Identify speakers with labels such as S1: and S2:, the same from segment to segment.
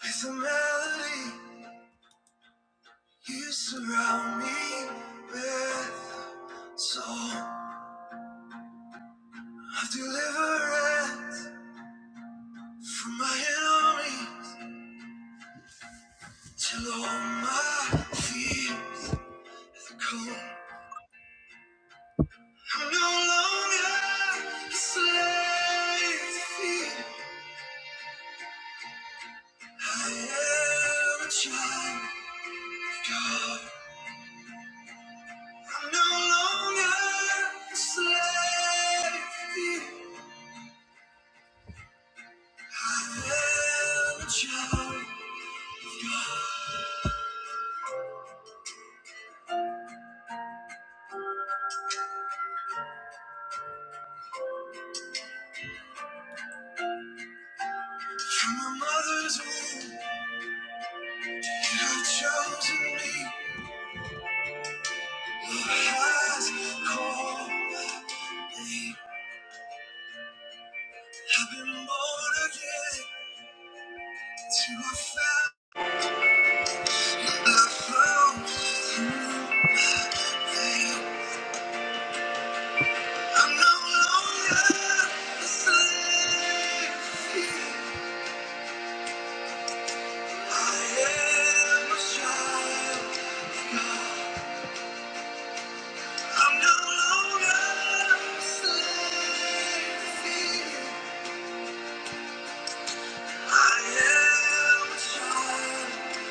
S1: With a melody, you surround me with song. I've deliverance from my enemies till all my fears are gone. I'm no longer a slave to fear. I am a child of God. I'm no longer a slave to fear. I am a child of God. From my mother's womb, you have chosen me. Your has called me. I've been born again to a family I found through faith. I'm no longer a slave to fear. I am a child of God. I'm no longer a slave to fear. I am surrounded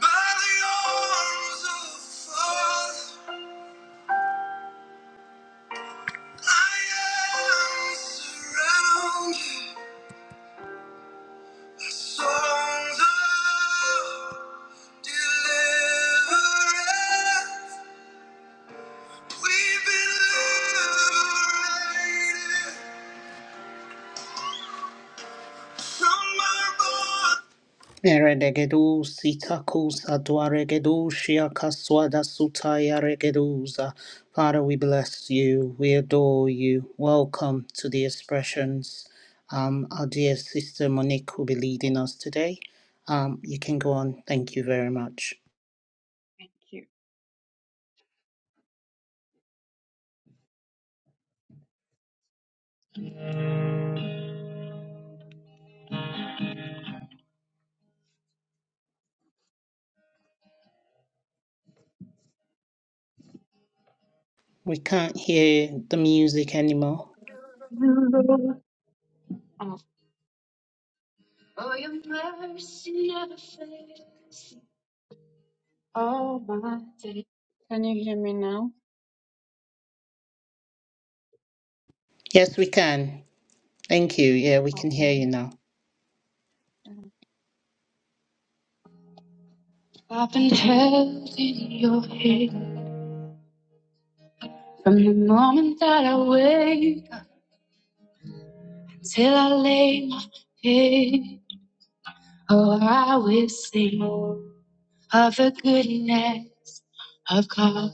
S1: by the arms of Father. I am surrounded by songs of deliverance. We've been liberated from our bonds. Eredegedu sitakus adwaregedu shiakaswada sutaya regeduza. Father, we bless you. We adore you. Welcome to the expressions. Um, our dear sister Monique will be leading us today. Um, you can go on. Thank you very much.
S2: Thank you,
S1: We can't hear the music anymore.
S2: Lord, of all my days. Can you hear me now?
S1: Yes, we can. Thank you. Yeah, we can hear
S2: Okay.
S1: you now.
S2: I've been held in your hand from the moment that I wake up till I lay my head. Oh, I will sing of the goodness of God.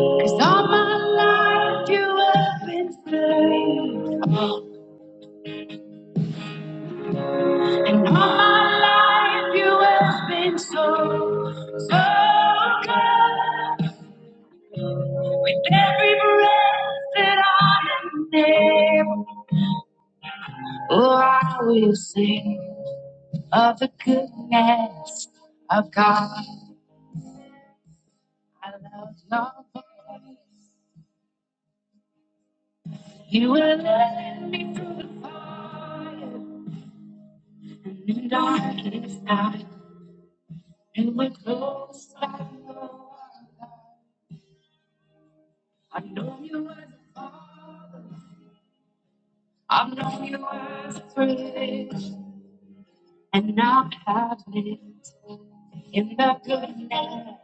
S2: 'Cause all my life you have been faithful. And all my life you have been so, so good. With every breath that I am able, oh, I will sing of the goodness of God. I love your voice. You will let me through the fire, and the darkest night, and we're close by your love. I know you as a father. I've known you as a friend, and now I have lived in the goodness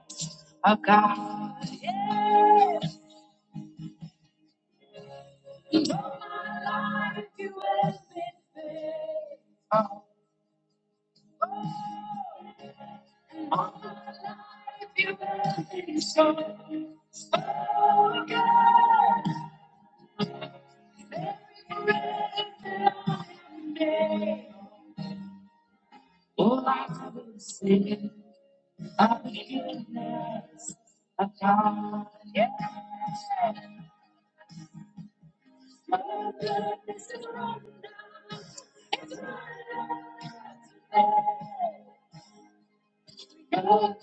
S2: of God. Oh, if you really so, all I will sing of the goodness of God. Yeah. Oh,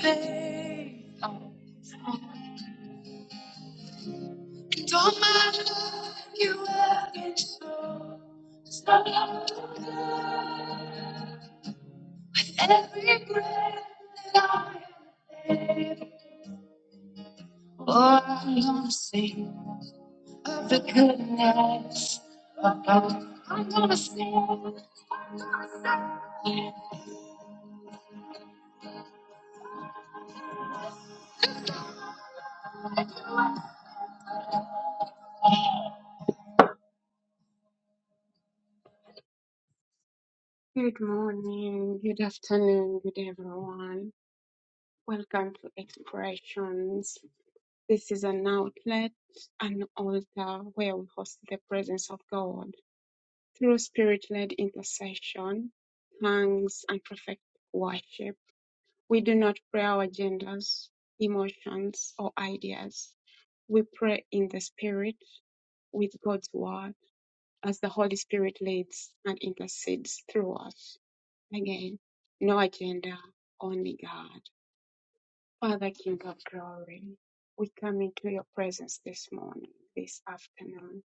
S2: faith. Oh, oh. And all my matter you have ever so. so Every breath that I take, oh, I'm gonna sing of the goodness of God. I'm gonna sing. Good morning, good afternoon, good everyone. Welcome to Expressions. This is an outlet, an altar where we host the presence of God through spirit led intercession, tongues, and prophetic worship. We do not pray our agendas, emotions, or ideas. We pray in the Spirit with God's Word as the Holy Spirit leads and intercedes through us. Again, no agenda, only God. Father, King of glory, we come into your presence this morning, this afternoon,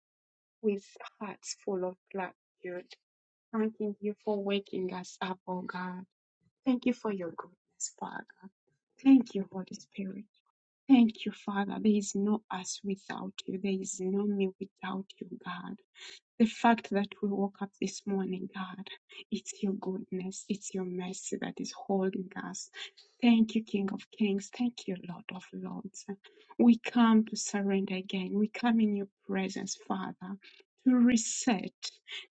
S2: with hearts full of gratitude, thanking you for waking us up, oh God. Thank you for your goodness, Father. Thank you, Holy Spirit. Thank you, Father. There is no us without you. There is no me without you, God. The fact that we woke up this morning, God, it's your goodness, it's your mercy that is holding us. Thank you, King of Kings. Thank you, Lord of Lords. We come to surrender again. We come in your presence, Father, to reset,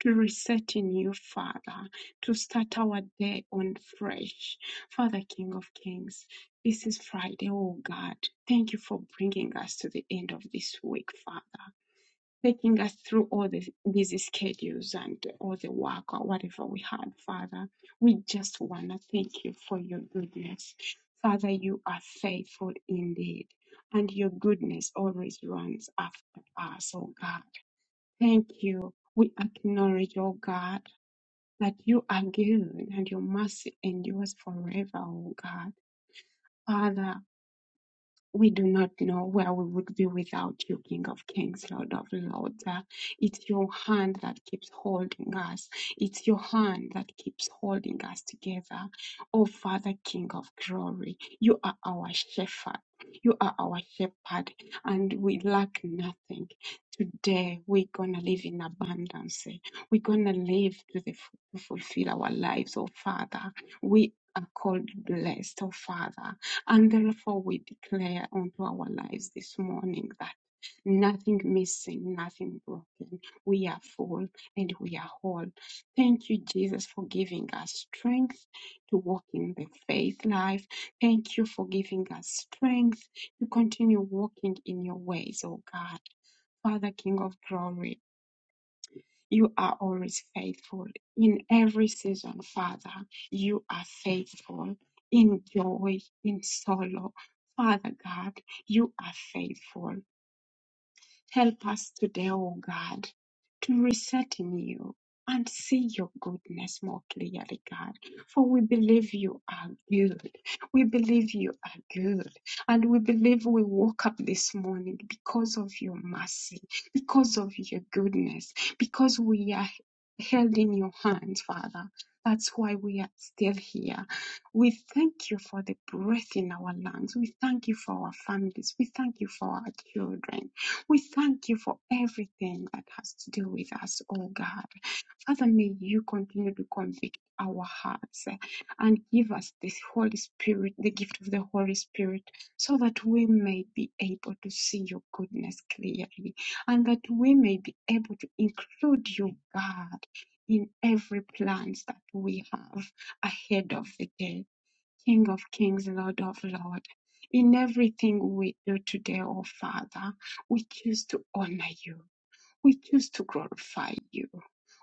S2: to reset in you, Father, to start our day on fresh. Father, King of Kings, this is Friday, oh God. Thank you for bringing us to the end of this week, Father taking us through all the busy schedules and all the work or whatever we had, Father. We just want to thank you for your goodness. Father, you are faithful indeed, and your goodness always runs after us, oh God. Thank you. We acknowledge, oh God, that you are good and your mercy endures forever, oh God. Father, we do not know where we would be without you, King of Kings, Lord of Lords. Uh, It's your hand that keeps holding us. It's your hand that keeps holding us together. Oh, Father, King of Glory, you are our shepherd. You are our shepherd, and we lack nothing. Today, we're going to live in abundance. We're going to live to, the, to fulfill our lives, oh, Father. We are called blessed, oh, Father and therefore, we declare unto our lives this morning that nothing missing, nothing broken. We are full and we are whole. Thank you, Jesus, for giving us strength to walk in the faith life. Thank you for giving us strength to continue walking in your ways, oh God. Father, King of glory. You are always faithful in every season, Father. You are faithful in joy, in sorrow. Father God, you are faithful. Help us today, O God, to reset in you and see your goodness more clearly, God. For we believe you are good. We believe you are good. And we believe we woke up this morning because of your mercy, because of your goodness, because we are held in your hands, Father. That's why we are still here. We thank you for the breath in our lungs. We thank you for our families. We thank you for our children. We thank you for everything that has to do with us, oh God. Father, may you continue to convict our hearts eh, and give us this Holy Spirit, the gift of the Holy Spirit, so that we may be able to see your goodness clearly and that we may be able to include you, God, in every plans that we have ahead of the day. King of kings, Lord of lords, in everything we do today, oh Father, we choose to honor you. We choose to glorify you.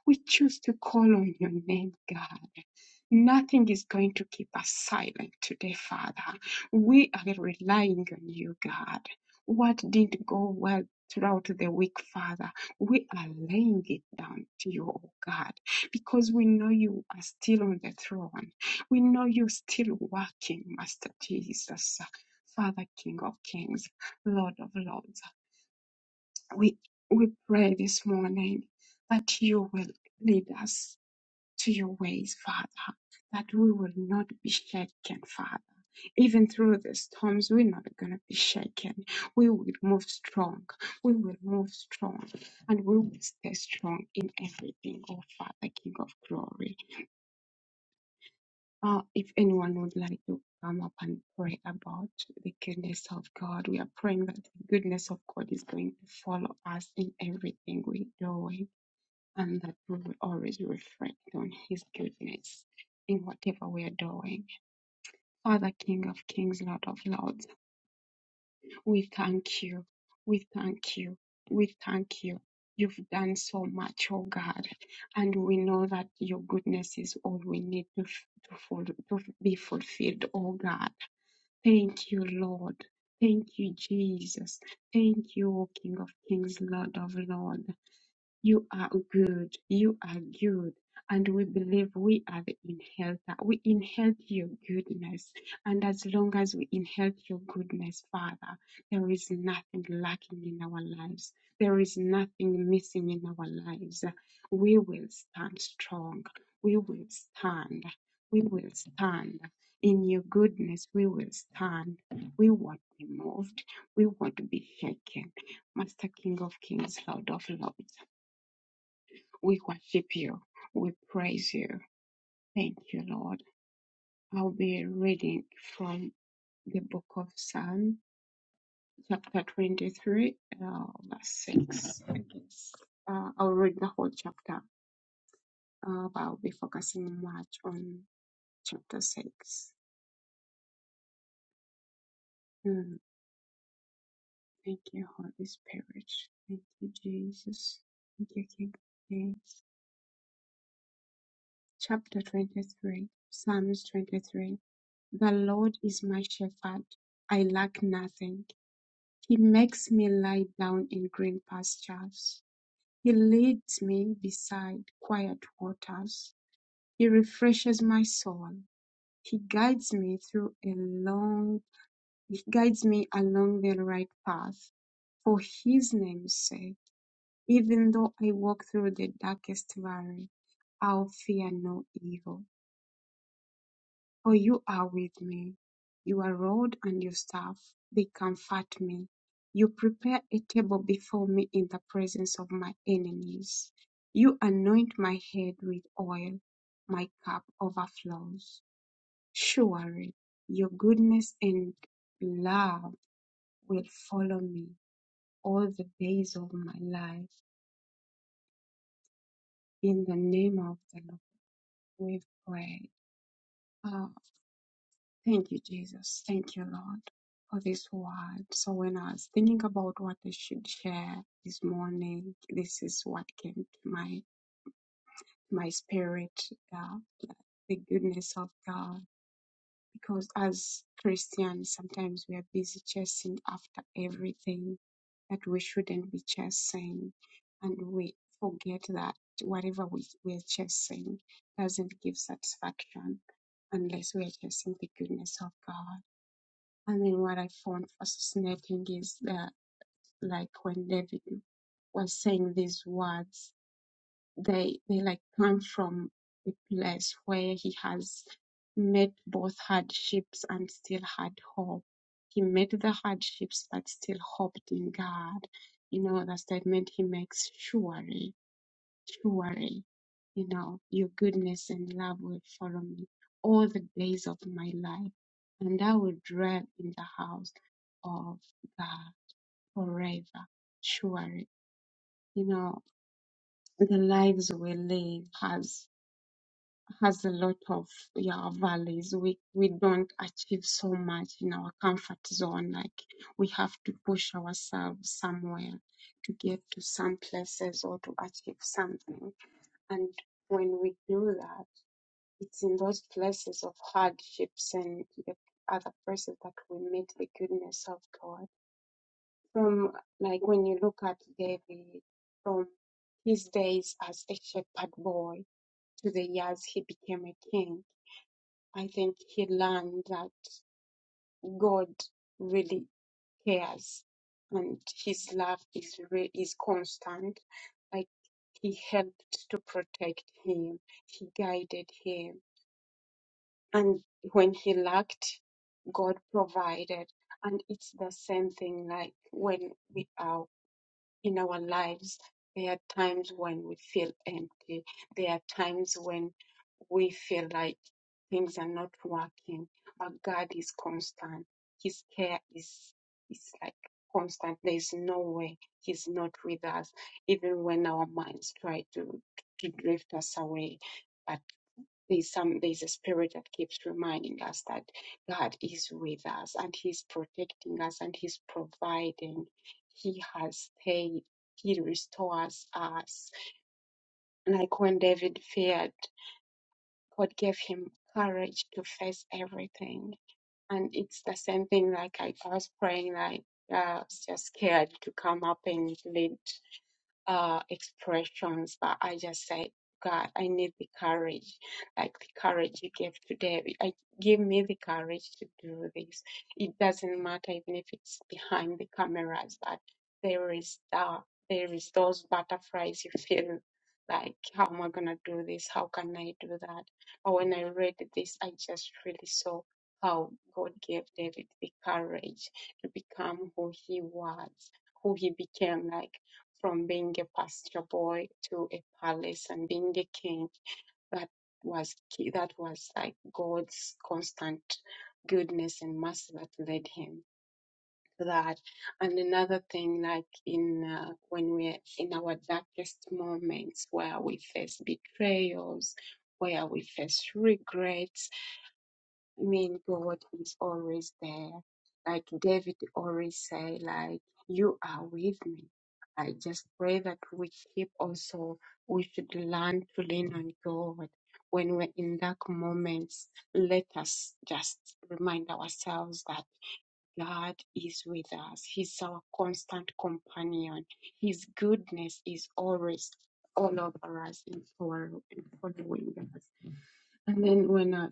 S2: We choose to call on your name, God. Nothing is going to keep us silent today, Father. We are relying on you, God. What didn't go well throughout the week, Father, we are laying it down to you, oh God, because we know you are still on the throne. We know you're still working, Master Jesus. Father, King of Kings, Lord of Lords. We, we pray this morning that you will lead us to your ways, Father, that we will not be shaken, Father. Even through the storms, we're not going to be shaken. We will move strong. We will move strong and we will stay strong in everything, oh Father, King of glory. Uh, if anyone would like to come up and pray about the goodness of God, we are praying that the goodness of God is going to follow us in everything we're doing and that we will always reflect on His goodness in whatever we are doing. Father, King of Kings, Lord of Lords, we thank you. We thank you. We thank you. You've done so much, oh God, and we know that your goodness is all we need to, f- to, ful- to f- be fulfilled, oh God. Thank you, Lord. Thank you, Jesus. Thank you, O King of Kings, Lord of Lords. You are good. You are good. And we believe we are the inheritor. We inherit your goodness. And as long as we inherit your goodness, Father, there is nothing lacking in our lives. There is nothing missing in our lives. We will stand strong. We will stand. We will stand. In your goodness, we will stand. We won't be moved. We won't be shaken. Master King of Kings, Lord of Lords. We worship you. We praise you. Thank you, Lord. I'll be reading from the book of Psalm, chapter 23, uh, verse 6. I guess. Uh, I'll read the whole chapter, uh, but I'll be focusing much on chapter 6. Mm, thank you, Holy Spirit. Thank you, Jesus. Thank you, King of Kings. Chapter 23, Psalms 23. The Lord is my shepherd. I lack nothing. He makes me lie down in green pastures. He leads me beside quiet waters. He refreshes my soul. He guides me through a long he guides me along the right path. For his name's sake, even though I walk through the darkest valley, I'll fear no evil. For you are with me. Your rod and your staff, they comfort me. You prepare a table before me in the presence of my enemies. You anoint my head with oil. My cup overflows. Surely your goodness and love will follow me all the days of my life. In the name of the Lord, we pray. Thank you, Jesus. Thank you, Lord, for this word. So when I was thinking about what I should share this morning, this is what came to my my spirit: uh, the goodness of God. Because as Christians, sometimes we are busy chasing after everything that we shouldn't be chasing, and we forget that whatever we, we are chasing doesn't give satisfaction unless we are chasing the goodness of God. I mean, what I found fascinating is that, like, when David was saying these words, they they like come from a place where he has met both hardships and still had hope. He met the hardships but still hoped in God. You know, the statement he makes surely to worry. You know, your goodness and love will follow me all the days of my life, and I will dwell in the house of God forever. Surely, you know, the lives we live has has a lot of yeah valleys. We we don't achieve so much in our comfort zone. Like we have to push ourselves somewhere to get to some places or to achieve something. And when we do that It's in those places of hardships and the other places that we meet the goodness of God. From like when you look at David, from his days as a shepherd boy to the years he became a king, I think he learned that God really cares and his love is re- is constant. Like he helped to protect him, he guided him and when he lacked god provided and it's the same thing like when we are in our lives there are times when we feel empty there are times when we feel like things are not working but god is constant his care is is like constant there is no way he's not with us even when our minds try to to drift us away there's some there's a spirit that keeps reminding us that God is with us and He's protecting us and He's providing. He has paid. He restores us. Like when David feared, God gave him courage to face everything. And it's the same thing. Like I, I was praying, like yeah, I was just scared to come up and lead uh, expressions, but I just say, God, I need the courage, like the courage you gave today. I, give me the courage to do this. It doesn't matter even if it's behind the cameras, but there is that, there is those butterflies you feel like, how am I gonna do this? How can I do that? But when I read this, I just really saw how God gave David the courage to become who he was, who he became. Like from being a pasture boy to a palace and being a king. That was key. That was like God's constant goodness and mercy that led him to that. And another thing, like in uh, when we're in our darkest moments where we face betrayals, where we face regrets, I mean, God is always there. Like David always say, like, you are with me. I just pray that we keep also, we should learn to lean on God. When we're in dark moments, let us just remind ourselves that God is with us. He's our constant companion. His goodness is always all over us and for and following us. And then when I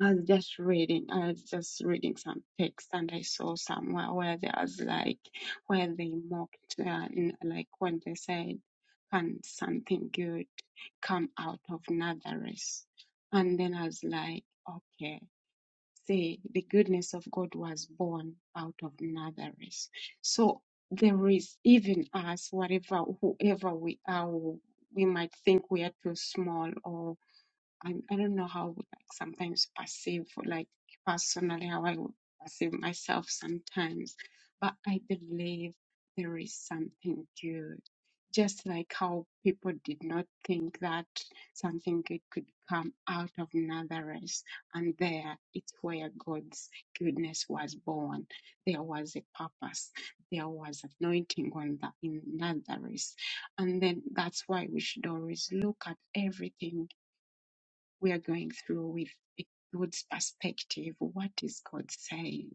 S2: I was just reading, I was just reading some text and I saw somewhere where there was like, where they mocked, uh, n- like when they said, can something good come out of Nazareth? And then I was like, okay, see, the goodness of God was born out of Nazareth. So there is even us, whatever, whoever we are, we might think we are too small or I, I don't know how I would like sometimes perceive like personally how I would perceive myself sometimes, but I believe there is something good. Just like how people did not think that something good could come out of Nazareth, and there it's where God's goodness was born. There was a purpose. There was anointing on the in Nazareth, and then that's why we should always look at everything we are going through with a God's perspective. What is God saying?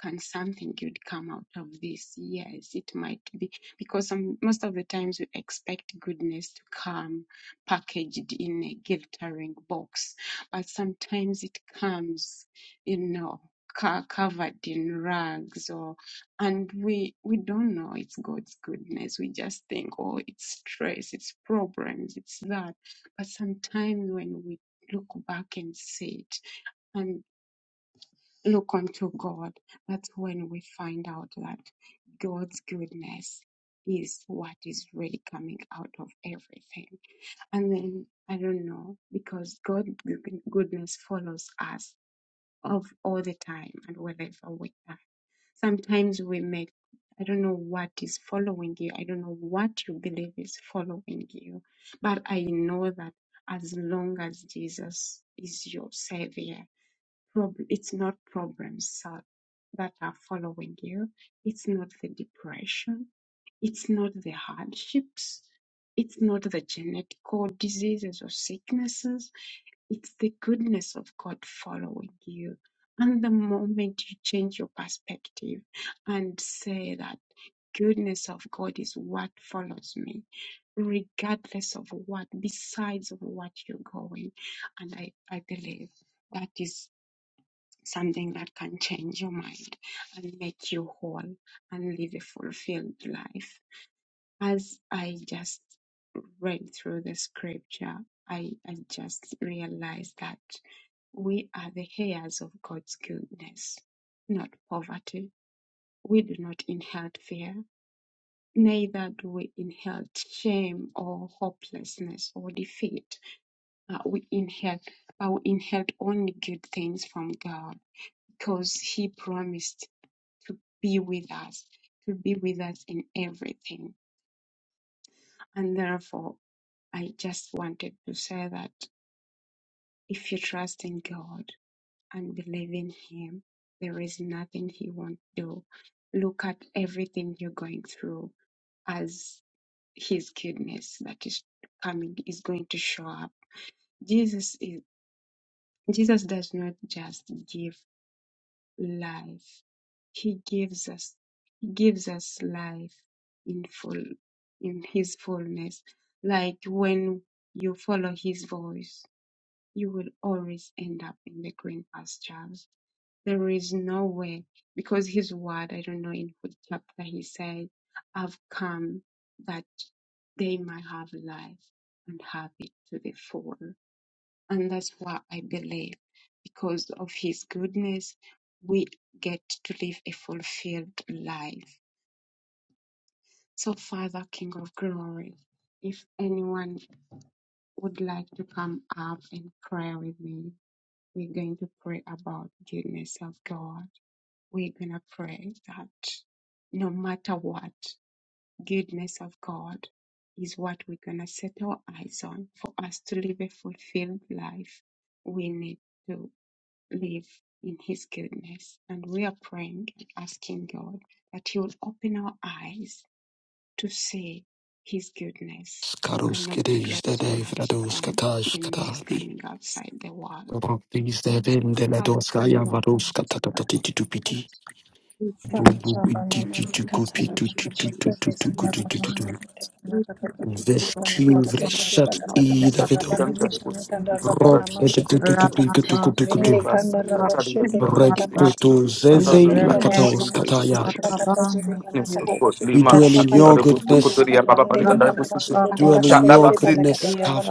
S2: can something good come out of this? Yes, it might be because some, most of the times we expect goodness to come packaged in a glittering box, but sometimes it comes, you know, co- covered in rags or, and we we don't know it's God's goodness. We just think, oh, it's stress, it's problems, it's that. But sometimes when we look back and see it, and look unto God. That's when we find out that God's goodness is what is really coming out of everything. And then, I don't know, because God's goodness follows us of all the time and wherever we are. Sometimes we make I don't know what is following you. I don't know what you believe is following you. But I know that as long as Jesus is your savior, prob- it's not problems uh, that are following you. It's not the depression. It's not the hardships. It's not the genetic genetical diseases or sicknesses. It's the goodness of God following you. And the moment you change your perspective and say that goodness of God is what follows me, regardless of what, besides of what you're going, and I, I believe that is something that can change your mind and make you whole and live a fulfilled life. As I just read through the scripture, I, I just realized that we are the heirs of God's goodness, not poverty. We do not inherit fear, neither do we inherit shame or hopelessness or defeat. Uh, we inherit, uh, we inherit only good things from God because He promised to be with us, to be with us in everything. And therefore, I just wanted to say that if you trust in God and believe in Him, there is nothing He won't do. Look at everything you're going through as His goodness that is coming is going to show up. Jesus is Jesus does not just give. life. He gives us he gives us life in full in his fullness. Like when you follow his voice, you will always end up in the green pastures. There is no way because his word, I don't know in which chapter he said, I've come that they might have life and have it to the full. And that's why I believe because of his goodness, we get to live a fulfilled life. So, Father, King of glory, if anyone would like to come up and pray with me, we're going to pray about goodness of God. We're going to pray that no matter what, goodness of God is what we're going to set our eyes on. For us to live a fulfilled life, we need to. live in His goodness. And we are praying and asking God that He will open our eyes to see His goodness and
S3: Skarus
S2: not to
S3: kiddies
S2: dwell
S3: the
S2: so
S3: day
S2: much
S3: frados
S2: on
S3: katash
S2: the noise
S3: katali.
S2: coming outside the wall.
S3: Robis de la
S2: Father, King
S3: doskaya
S2: of Kings,
S3: varos
S2: Lord of
S3: katatati to
S2: Lords,
S3: piti.
S2: we thank you
S4: Randele
S3: Bubu
S4: bana
S3: digi
S4: mashete
S3: to
S2: we
S3: gopi
S2: thank
S3: to
S2: you,
S3: to to to to to
S2: Jesus. We
S3: to to
S2: thank
S3: to to
S2: you.
S3: to.
S2: We thank you, King of
S3: Vestin
S4: pata
S2: Kings, and Lord
S4: pajete
S3: vreshat
S2: of
S4: pata kata
S3: i da
S2: Lords.
S5: that
S6: Rabba
S4: rabana
S2: We
S5: Kantari
S2: thank
S4: mashini
S5: was
S4: kanda
S5: the
S4: rabana
S3: Rod
S5: Basti
S2: you,
S3: et
S2: our
S3: to
S4: mashete
S5: Kitchen,
S3: to to
S2: Lord.
S3: pink to to to
S5: we
S2: We
S3: to.
S2: are
S5: pass a
S2: doing
S5: Katari and
S2: Thank you,
S5: Darabut
S3: Reg
S4: pata
S2: King of
S3: to
S5: ticket.
S3: to
S5: But
S2: Kings.
S5: I
S4: kata
S3: zeze la
S2: We are
S5: was
S2: not
S5: shame
S3: katos
S5: the
S2: supposed to be
S5: register
S3: kataya.
S5: to
S2: chasing
S5: goodness of
S2: for
S5: God,
S3: We
S5: Lima
S3: dwell in
S5: Shan
S3: your
S2: children.
S5: Darabut,
S2: Remember,
S3: goodness.
S5: Kotoria, Baba Panitan
S2: remember
S5: Darabus,
S2: to
S3: We
S2: elevate
S3: dwell in
S2: the
S3: your
S5: Shadabasi,
S2: parents.
S3: goodness. Kav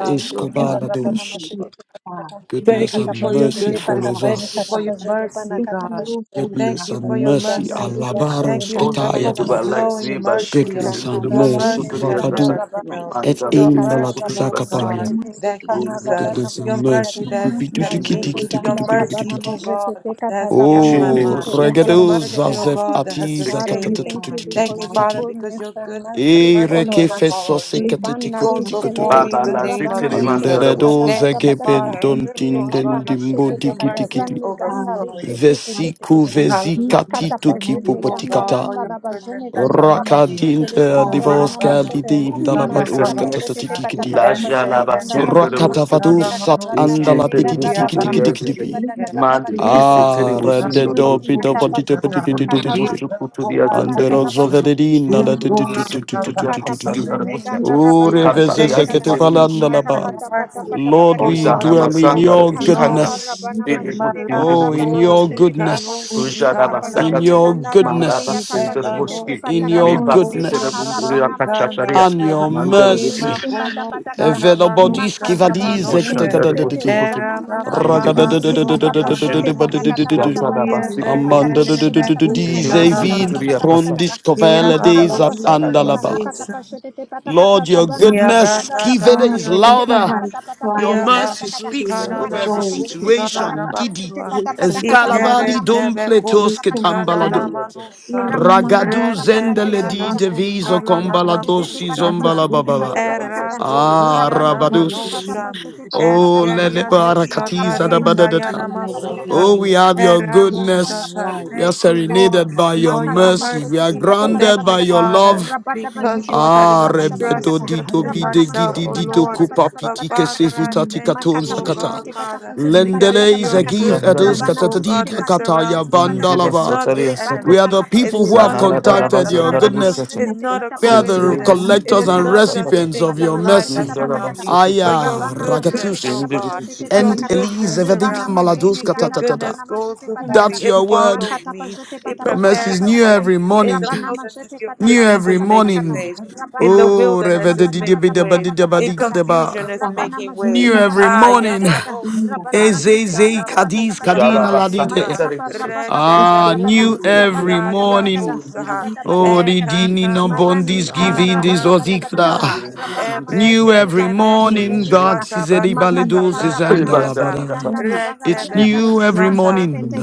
S2: It
S3: escobar la
S2: becomes a
S3: dost.
S2: lead.
S3: Goodness
S6: Thank
S2: We
S4: makata
S6: you
S3: and
S6: for your
S2: join
S3: mercy
S4: pajete
S2: your
S6: goodness.
S4: pata
S3: follows
S6: Thank
S2: hearts,
S4: pani
S6: you
S3: us.
S4: kata
S6: for your
S2: Father.
S4: pajete pana
S6: mercy,
S2: Thank
S4: kata
S6: God.
S2: you, oh
S4: pajete
S6: Thank
S2: God.
S3: Goodness
S6: you for
S3: and
S6: your
S3: mercy,
S2: We
S4: Regana
S2: thank
S6: mercy.
S4: liba
S2: you for
S6: Thank
S4: jene
S3: alabaros
S6: you for
S5: all the
S6: your
S2: moving
S5: days
S4: katalanda
S2: our
S5: of
S3: ketayadi.
S4: la
S5: our
S2: life,
S5: lives,
S4: shete
S5: we
S6: overflowing
S5: by
S2: Jesus.
S4: te
S5: shake
S6: mercy, oh,
S5: us
S3: Goodness
S5: in
S4: kana
S5: the
S3: and
S5: double
S2: There's
S6: your
S4: raba
S5: circle
S3: mercy,
S5: to
S6: mercy
S4: jene
S2: weapons
S5: the
S6: that
S2: and
S5: other
S4: gana
S5: time.
S2: check
S6: never
S3: vavadu
S4: rabana
S6: fails.
S5: And
S3: et
S2: Lord.
S5: the
S4: majete te
S6: Your
S5: double
S3: in the
S4: kana
S5: circle to
S6: mercy,
S5: the
S6: oh
S4: rabana
S2: Your
S6: God,
S3: zakapaya.
S5: basicity.
S4: majete te
S2: mercy,
S6: that
S2: God,
S5: Oh, the
S4: kana
S6: keeps
S2: has
S6: us.
S5: double
S2: kept
S4: rabana
S3: Goodness
S5: circle
S6: Your
S3: and
S2: us.
S5: to
S4: majete
S5: the
S4: kata
S3: mercy,
S6: mercy
S2: Your
S6: that has
S2: mercy
S6: kept
S5: shin,
S2: has
S5: the
S6: me.
S5: double
S4: majete
S2: given
S6: Your
S4: gana
S2: us,
S4: rabana
S6: mercy,
S2: Lord.
S6: oh
S3: gubidudikidikidikudukudukudikidi.
S4: majete
S6: God,
S4: te
S6: that
S4: kata
S6: has kept
S4: rabana
S6: my
S2: King
S3: Oh,
S2: of
S4: majete
S6: mind.
S5: circle
S2: Kings,
S4: pata
S5: to
S6: Your
S5: the
S2: Lord,
S3: regedo
S2: we
S4: pajete
S2: thank
S6: mercy, oh
S2: you
S4: kata
S3: zazef
S6: God,
S2: for
S6: that
S2: us.
S6: has
S3: ati
S4: Father,
S5: basicity.
S4: we
S6: sustained
S2: You
S6: me.
S2: are
S4: thank you
S6: Thank you,
S4: because
S2: alive,
S4: your
S6: Father,
S3: zakatatututititititi.
S6: because
S4: goodness
S2: Father.
S6: your
S4: and
S6: goodness and
S4: mercy
S6: mercy is
S3: Ereke
S4: follows us.
S2: Christ,
S3: feso
S6: following me.
S2: continue.
S6: It
S4: Libana
S3: sekatetiko
S4: li
S6: goes before
S4: shenele
S3: petikotutu.
S6: me in
S5: Father,
S6: the
S4: gana
S5: Lord, we
S6: name
S4: rabana
S6: of
S5: tell him and the
S4: mashete
S6: Jesus.
S4: te
S5: Lord,
S4: kata
S3: Andeledo
S4: pata
S6: Thank you,
S4: pata
S3: zegebe
S4: kata
S6: Father.
S4: renne
S6: Lord
S4: gana
S6: God,
S3: dontinden
S6: your
S3: dimbo
S6: goodness
S4: mashete te
S6: and
S4: kata
S6: mercy is
S3: dikidikidi.
S4: renne gana li
S2: Father,
S6: overflowing.
S4: shete te te
S2: Master
S4: te te
S3: Vesiku
S4: te
S2: Jesus,
S6: Hallelujah.
S3: vesikati
S2: in
S4: makata
S2: the
S6: Thank
S2: name
S6: you,
S2: of
S4: pajene
S6: O
S4: gana
S3: tukipopotikata.
S6: God, for
S4: rana
S6: your
S2: Jesus,
S4: la
S6: goodness
S4: pajene
S2: in
S6: and
S2: this
S6: your
S4: gana
S3: Lord,
S4: raba
S2: name,
S6: mercy.
S3: we
S4: shete le
S3: dwell
S2: we
S4: gana
S6: O
S3: in
S4: rabana
S2: thank
S6: Ramana
S2: you
S4: mashete
S6: Kushana
S5: Goodness
S2: for
S4: makata
S5: and
S4: pajete
S5: mercy.
S4: te
S6: Manosya.
S4: pata
S2: what
S4: pata
S2: makes
S5: Laja
S2: you
S4: pajene
S5: lava
S4: gana
S6: Esekene
S2: judge?
S5: sin the
S4: rabana
S5: Lord,
S4: mashete te
S6: Kushana
S4: kata
S5: is
S4: rana
S6: Manosya.
S5: chin
S4: mani
S2: Can
S5: terrible
S4: gana
S5: suit to
S4: rabana
S5: the
S6: Diabano
S2: you
S4: mashete
S5: executive.
S4: pata
S2: lead
S6: Sike.
S4: kata
S2: us,
S5: Mad
S4: rabati
S2: lead
S4: kata
S5: kiss a
S4: kata
S2: us, lead
S5: terrible
S2: us
S5: soon do the
S2: through
S4: Mazete
S6: Diabadoshana
S2: the
S4: te
S5: bush
S4: kata
S5: wicked.
S2: adventures of
S4: pasete
S6: Makushana.
S2: the
S4: te
S5: Undo
S2: night?
S5: the
S4: kata
S5: bush to
S4: randa
S6: Diba
S5: the
S4: mazene
S5: other
S2: Thank
S6: Korana
S4: kanda
S2: you,
S5: terrible
S4: rabana
S6: Niata.
S5: suit.
S4: mazete kata.
S2: thank
S6: Diba
S2: you,
S5: Jibble
S6: Korana
S5: suit to
S2: Jesus,
S6: Niata.
S5: the
S2: God,
S4: Likata
S6: In
S5: passan
S6: the
S5: the
S4: pajene
S5: butcher.
S6: name
S2: lead
S6: of
S4: ganda
S2: us,
S4: rabana
S6: Jesus,
S5: Katari
S2: Lord,
S4: mashete de
S6: thank
S5: as
S6: you
S5: the
S4: gata
S6: for your
S2: lead
S5: terrible
S2: us,
S6: goodness
S4: mata
S6: and
S2: Lord,
S6: your
S4: pata pata
S2: oh
S6: mercy.
S4: pata
S2: God,
S4: pata
S6: O
S2: you
S4: kata
S2: are
S5: Muzana
S6: God, it is
S2: God.
S5: Masanda
S4: repati
S5: the
S3: Your
S2: Who
S5: bush
S4: kanda la
S2: is
S5: kanda.
S6: overflowing
S2: this
S3: goodness.
S4: barabana
S5: They
S2: little
S6: in
S5: were
S6: my
S5: good
S2: you
S4: mashete
S2: have
S5: in
S4: ganda
S5: the
S6: life.
S3: Oh, in
S4: rabana
S2: practiced
S5: bush.
S6: Oh,
S3: Your
S2: for?
S4: mashete de gata
S6: Ricano
S3: goodness.
S4: mata
S2: all
S6: Shikarana
S3: In
S4: pajene
S5: Ujadabasakati,
S3: Your
S4: ganda
S6: Makusha.
S4: rabani yata
S3: goodness.
S2: Jesus,
S4: pashete
S2: um,
S4: te
S6: Ebanos
S5: Mandabasindabuski,
S3: In
S4: pata
S3: Your
S4: kata
S2: Lord, Lord,
S4: rene
S2: God,
S6: Dinamakusha
S2: thank
S4: kana
S2: you,
S3: goodness.
S2: thank
S5: Vipasitavunduri
S4: rabana
S2: you,
S4: mashene
S2: thank
S5: Akachakaria,
S3: And
S4: ganda
S6: Namanitanasia.
S2: you,
S3: your
S4: rabana
S5: Mandarabisi,
S4: mashete
S3: mercy,
S4: te pata
S6: Imakono
S4: pata kata
S6: Shana
S3: everybody,
S6: Manuska
S4: makata
S5: City
S3: skivadize,
S2: thank
S4: pashete
S2: you
S6: Namanoshe.
S4: te
S2: for
S4: te te
S2: your
S5: Bushandarabusukutu,
S4: libana
S6: Era
S2: kingdom.
S4: mana
S6: Baba
S4: kata
S2: Your
S6: Baba
S5: Individual
S4: pajete
S2: goodness,
S4: pata
S6: Sona
S2: and
S4: pajete
S5: Bushindi,
S4: bana
S6: Namanos.
S2: we
S4: kata
S2: shall
S4: pata
S3: ragadu,
S2: reign
S4: pata
S2: in
S5: Zatarabasiki,
S4: pajete
S2: God.
S4: pata
S3: amanda,
S6: Yerekene
S5: Bush,
S4: pajete pata
S2: We shall
S4: pajete
S6: Mekusha
S4: pata
S2: reign
S4: pata
S3: dizevine,
S4: pata
S2: in
S6: Namanos.
S5: Indibusukuturia
S4: pata
S2: God.
S4: pata
S3: run
S5: Passata,
S3: this
S4: kata
S2: Because
S3: tovela
S2: of your
S3: days
S4: Makata
S3: up
S6: Yabakusha
S2: beauty,
S4: pashete
S3: and
S4: te
S3: alaba.
S4: panakata
S5: Yarabasakata,
S6: Namakusha.
S4: pashete te patakata
S3: Lord, your
S4: rabana
S6: Ia
S2: sir.
S4: manika
S3: goodness,
S4: na
S3: skivede
S4: rabana
S2: Father,
S3: is
S6: brakataria
S4: majete te pata
S3: louder.
S6: nosna.
S2: whatever is
S4: pata pata pata
S3: Your
S6: Ia
S2: planned
S4: pata pata
S3: mercy
S2: against
S4: kata
S6: basu
S3: speaks
S2: you,
S3: over
S6: kanana
S3: every
S4: makata
S2: joined
S5: Yarabasiki,
S4: pashete
S2: his
S4: te
S6: makushana
S4: pata
S6: da
S3: situation,
S2: father,
S4: pashete
S3: didi.
S4: te
S6: basua.
S2: we
S4: pata
S3: And
S4: pata kata
S5: Vindubusin,
S3: scala
S2: contend with
S6: Ikere
S3: valley,
S4: rabana
S2: it.
S3: don't
S4: majete
S6: tebe
S4: pata
S2: We
S3: balatos,
S4: pata
S3: ke
S4: pata
S3: dam
S4: pata
S6: kushikana
S5: Yakaria
S6: na
S4: kata
S3: balado,
S2: contend.
S5: Gatin,
S6: manusha.
S2: We remind
S4: Rabajada
S3: ragadu
S4: laba
S5: Vindubusin,
S2: ourselves that
S4: rabada
S3: zendele
S2: we
S6: Retendia
S3: di
S4: badagada
S2: must be
S3: devise
S2: have
S3: o
S6: nanuskala
S4: makata
S6: na
S2: steadfast
S3: kumbalado,
S4: pashete
S2: and
S4: te
S3: si
S5: Vindubusin,
S4: pata
S2: your
S6: makushata.
S4: pashete
S3: zombalaba
S4: te
S3: ba
S5: Zanana
S2: goodness
S3: ba.
S4: pata
S2: and
S4: pata
S2: the rest
S4: kata
S2: of us.
S3: Ah,
S6: Eratoskia
S4: rabana
S6: na
S2: In
S4: mazete
S2: the
S3: Rabadus.
S2: name
S4: pata
S6: manusha.
S2: of
S4: pashete pata
S2: Jesus,
S4: pata
S3: Oh,
S4: pata
S3: Lele
S6: Eskeria
S4: kata
S6: nosha
S3: Barakatiza
S4: marabada
S3: da
S2: in the
S6: tarita
S4: pashete pata
S3: Badadata.
S6: yana
S2: kingdom
S4: pata pata
S2: of
S4: kata
S6: masuta.
S3: Oh, we
S2: life,
S3: have your
S4: rabajini
S2: you
S6: Erano
S4: gana
S2: are
S3: goodness.
S6: shata.
S4: rabana
S3: We
S2: worthy.
S3: are
S6: Thank
S4: mazete
S6: you,
S4: te kata
S2: You
S6: Lord,
S3: serenaded
S2: are
S3: by your
S6: for your
S4: makata
S2: worthy.
S3: mercy. We
S4: pashete
S3: are
S4: te
S6: mercy.
S4: pata
S2: You
S4: pata
S3: grounded
S6: Thank
S4: pata
S2: are
S3: by
S6: you,
S4: kata
S3: your
S6: Father
S2: worthy.
S3: love.
S4: rabada
S2: Thank
S6: because,
S4: pashete
S6: Lord,
S4: pata
S6: I do
S2: you,
S3: Ah,
S4: pata
S6: not
S4: pata pata
S3: rebedo
S6: trust
S4: kata
S2: Jesus.
S6: just
S3: dido
S2: Thank
S6: in
S4: rabana
S3: bide
S2: you,
S6: myself,
S4: mazete
S3: gidi
S6: oh
S4: pata
S3: dido
S2: Jesus.
S4: pata
S6: Lord.
S4: pata
S3: kupa
S4: pata
S6: But,
S3: piti
S4: pata kata
S6: Father,
S4: kata
S6: I
S3: kesifita
S2: Thank
S6: thank
S2: you,
S3: tikaton
S6: you,
S4: makata
S6: oh
S3: zakata.
S4: pashete
S6: God,
S2: Jesus.
S4: te pata
S6: Father,
S4: pashete
S2: Thank
S6: because
S4: pata
S2: you.
S6: it's
S3: Lendele
S4: pata
S3: is
S6: your
S4: pata
S3: a
S4: kata
S3: gift at us
S2: Thank
S6: goodness,
S4: rabana
S2: you.
S6: oh God,
S3: katatadida
S4: mazete
S6: that
S4: pati
S3: kataya
S6: surrounds
S4: pashete
S6: me.
S4: pata kata
S6: It's
S3: bandalava.
S6: not the
S2: Thank
S4: Rebana
S3: We are
S6: enemy,
S3: the
S2: you.
S4: katapa
S6: it's
S3: people who
S2: Here
S4: shetete
S3: have
S2: we
S6: not the
S4: patakata.
S2: are.
S6: plans
S3: contacted
S6: of
S3: your
S6: the
S4: Rabana
S6: enemy,
S3: goodness.
S6: it's
S4: mazetete
S2: Yes,
S4: te
S2: I
S6: not a
S3: We are
S2: feel
S4: shete
S2: you.
S3: the
S6: coincidence.
S4: patakata.
S2: I'm
S6: It
S3: collectors
S6: is
S3: and
S2: sorry.
S4: Makata
S6: not just the
S3: recipients
S4: pazetete
S3: of
S6: things
S3: your
S4: patapa
S6: in
S2: Yes,
S4: shete
S6: life
S2: I
S6: that
S3: mercy.
S2: feel
S6: surround
S4: patapatakata.
S6: me,
S2: you.
S6: but your
S2: So,
S3: Aya
S2: mm,
S4: Rabana mazete
S6: goodness,
S2: we
S6: oh
S3: ragatus
S4: patapa
S6: God.
S4: shetete
S6: Your
S3: and
S4: patakata.
S3: Elise
S6: goodness
S2: thank
S3: Evadika
S4: Rebana
S6: surrounds me.
S4: mazene
S2: you.
S3: Maladuska ta
S6: Your
S4: gana
S3: ta ta ta.
S6: goodness
S4: rabana
S6: goes
S4: mazete
S2: Thank
S6: before
S4: patakata.
S3: That's
S6: me. It
S2: you.
S3: your word.
S6: follows
S4: Makata
S6: me.
S4: pazete
S6: It
S3: Your
S4: patapata
S3: mercy is
S6: prepares a
S3: new
S2: Thank
S4: patapatakata.
S6: way.
S3: every
S2: you,
S6: In
S3: morning.
S6: the
S4: Rabana
S2: Jesus.
S6: wilderness,
S4: mazete
S6: your
S3: New
S4: patapata
S6: goodness
S3: every
S6: is making
S4: patapatakata.
S2: Mm,
S3: morning.
S6: ways.
S2: Jesus.
S6: In
S4: Rabana
S6: the
S3: Oh,
S4: mazete
S6: wilderness is
S2: Thank
S4: patapata
S6: making ways.
S4: patapata
S6: In
S2: you,
S4: patapatakata.
S6: confusion
S3: revedidibidabadidiabadigadaba.
S6: is
S4: Rabana
S2: Father.
S6: making
S4: mazete
S3: new
S6: ways.
S2: In
S3: every
S2: the
S4: patapata
S6: Ah,
S3: morning.
S4: patapata
S2: light,
S4: kata.
S6: yamano
S2: in the
S4: Rabana
S2: light,
S4: mazete
S6: sikarita
S3: Ezeze
S2: Father.
S4: patapata
S6: namano
S3: kadiz
S2: We
S5: Jiri
S4: patapata
S3: kadina
S2: still feel
S3: ladide.
S6: saanika
S2: it. We
S6: retebe
S3: Ah,
S2: still
S6: kuru
S3: new
S2: feel
S3: every
S2: it.
S6: sikaria
S3: morning.
S2: Thank
S3: Oh,
S2: you,
S4: Makataparabarabarabadabada,
S3: ridini dini no
S2: goodness.
S6: Ekakano
S4: Marani
S3: bondis
S2: Oh,
S4: kana
S6: shitana
S3: giving
S2: Father,
S3: this
S6: na
S2: thank you.
S4: rabarabadabadagada,
S6: kusaha.
S3: ozikla.
S2: There's no
S4: rabana
S2: God.
S3: New
S4: mazetete
S3: every
S6: Ebrekete menu
S2: Thank
S3: morning,
S4: patapashetete
S2: you.
S3: God
S4: kata,
S6: kushata
S3: is
S2: Thank
S6: badushka
S2: you,
S3: Balidoses and
S4: makataparabana
S2: too.
S6: lananiata.
S3: Alabada.
S4: mazeneganda
S2: Thank you.
S3: It's
S6: Retebe
S4: rabarabadagada,
S3: new every
S2: Thank
S6: kushata.
S3: morning,
S4: masetete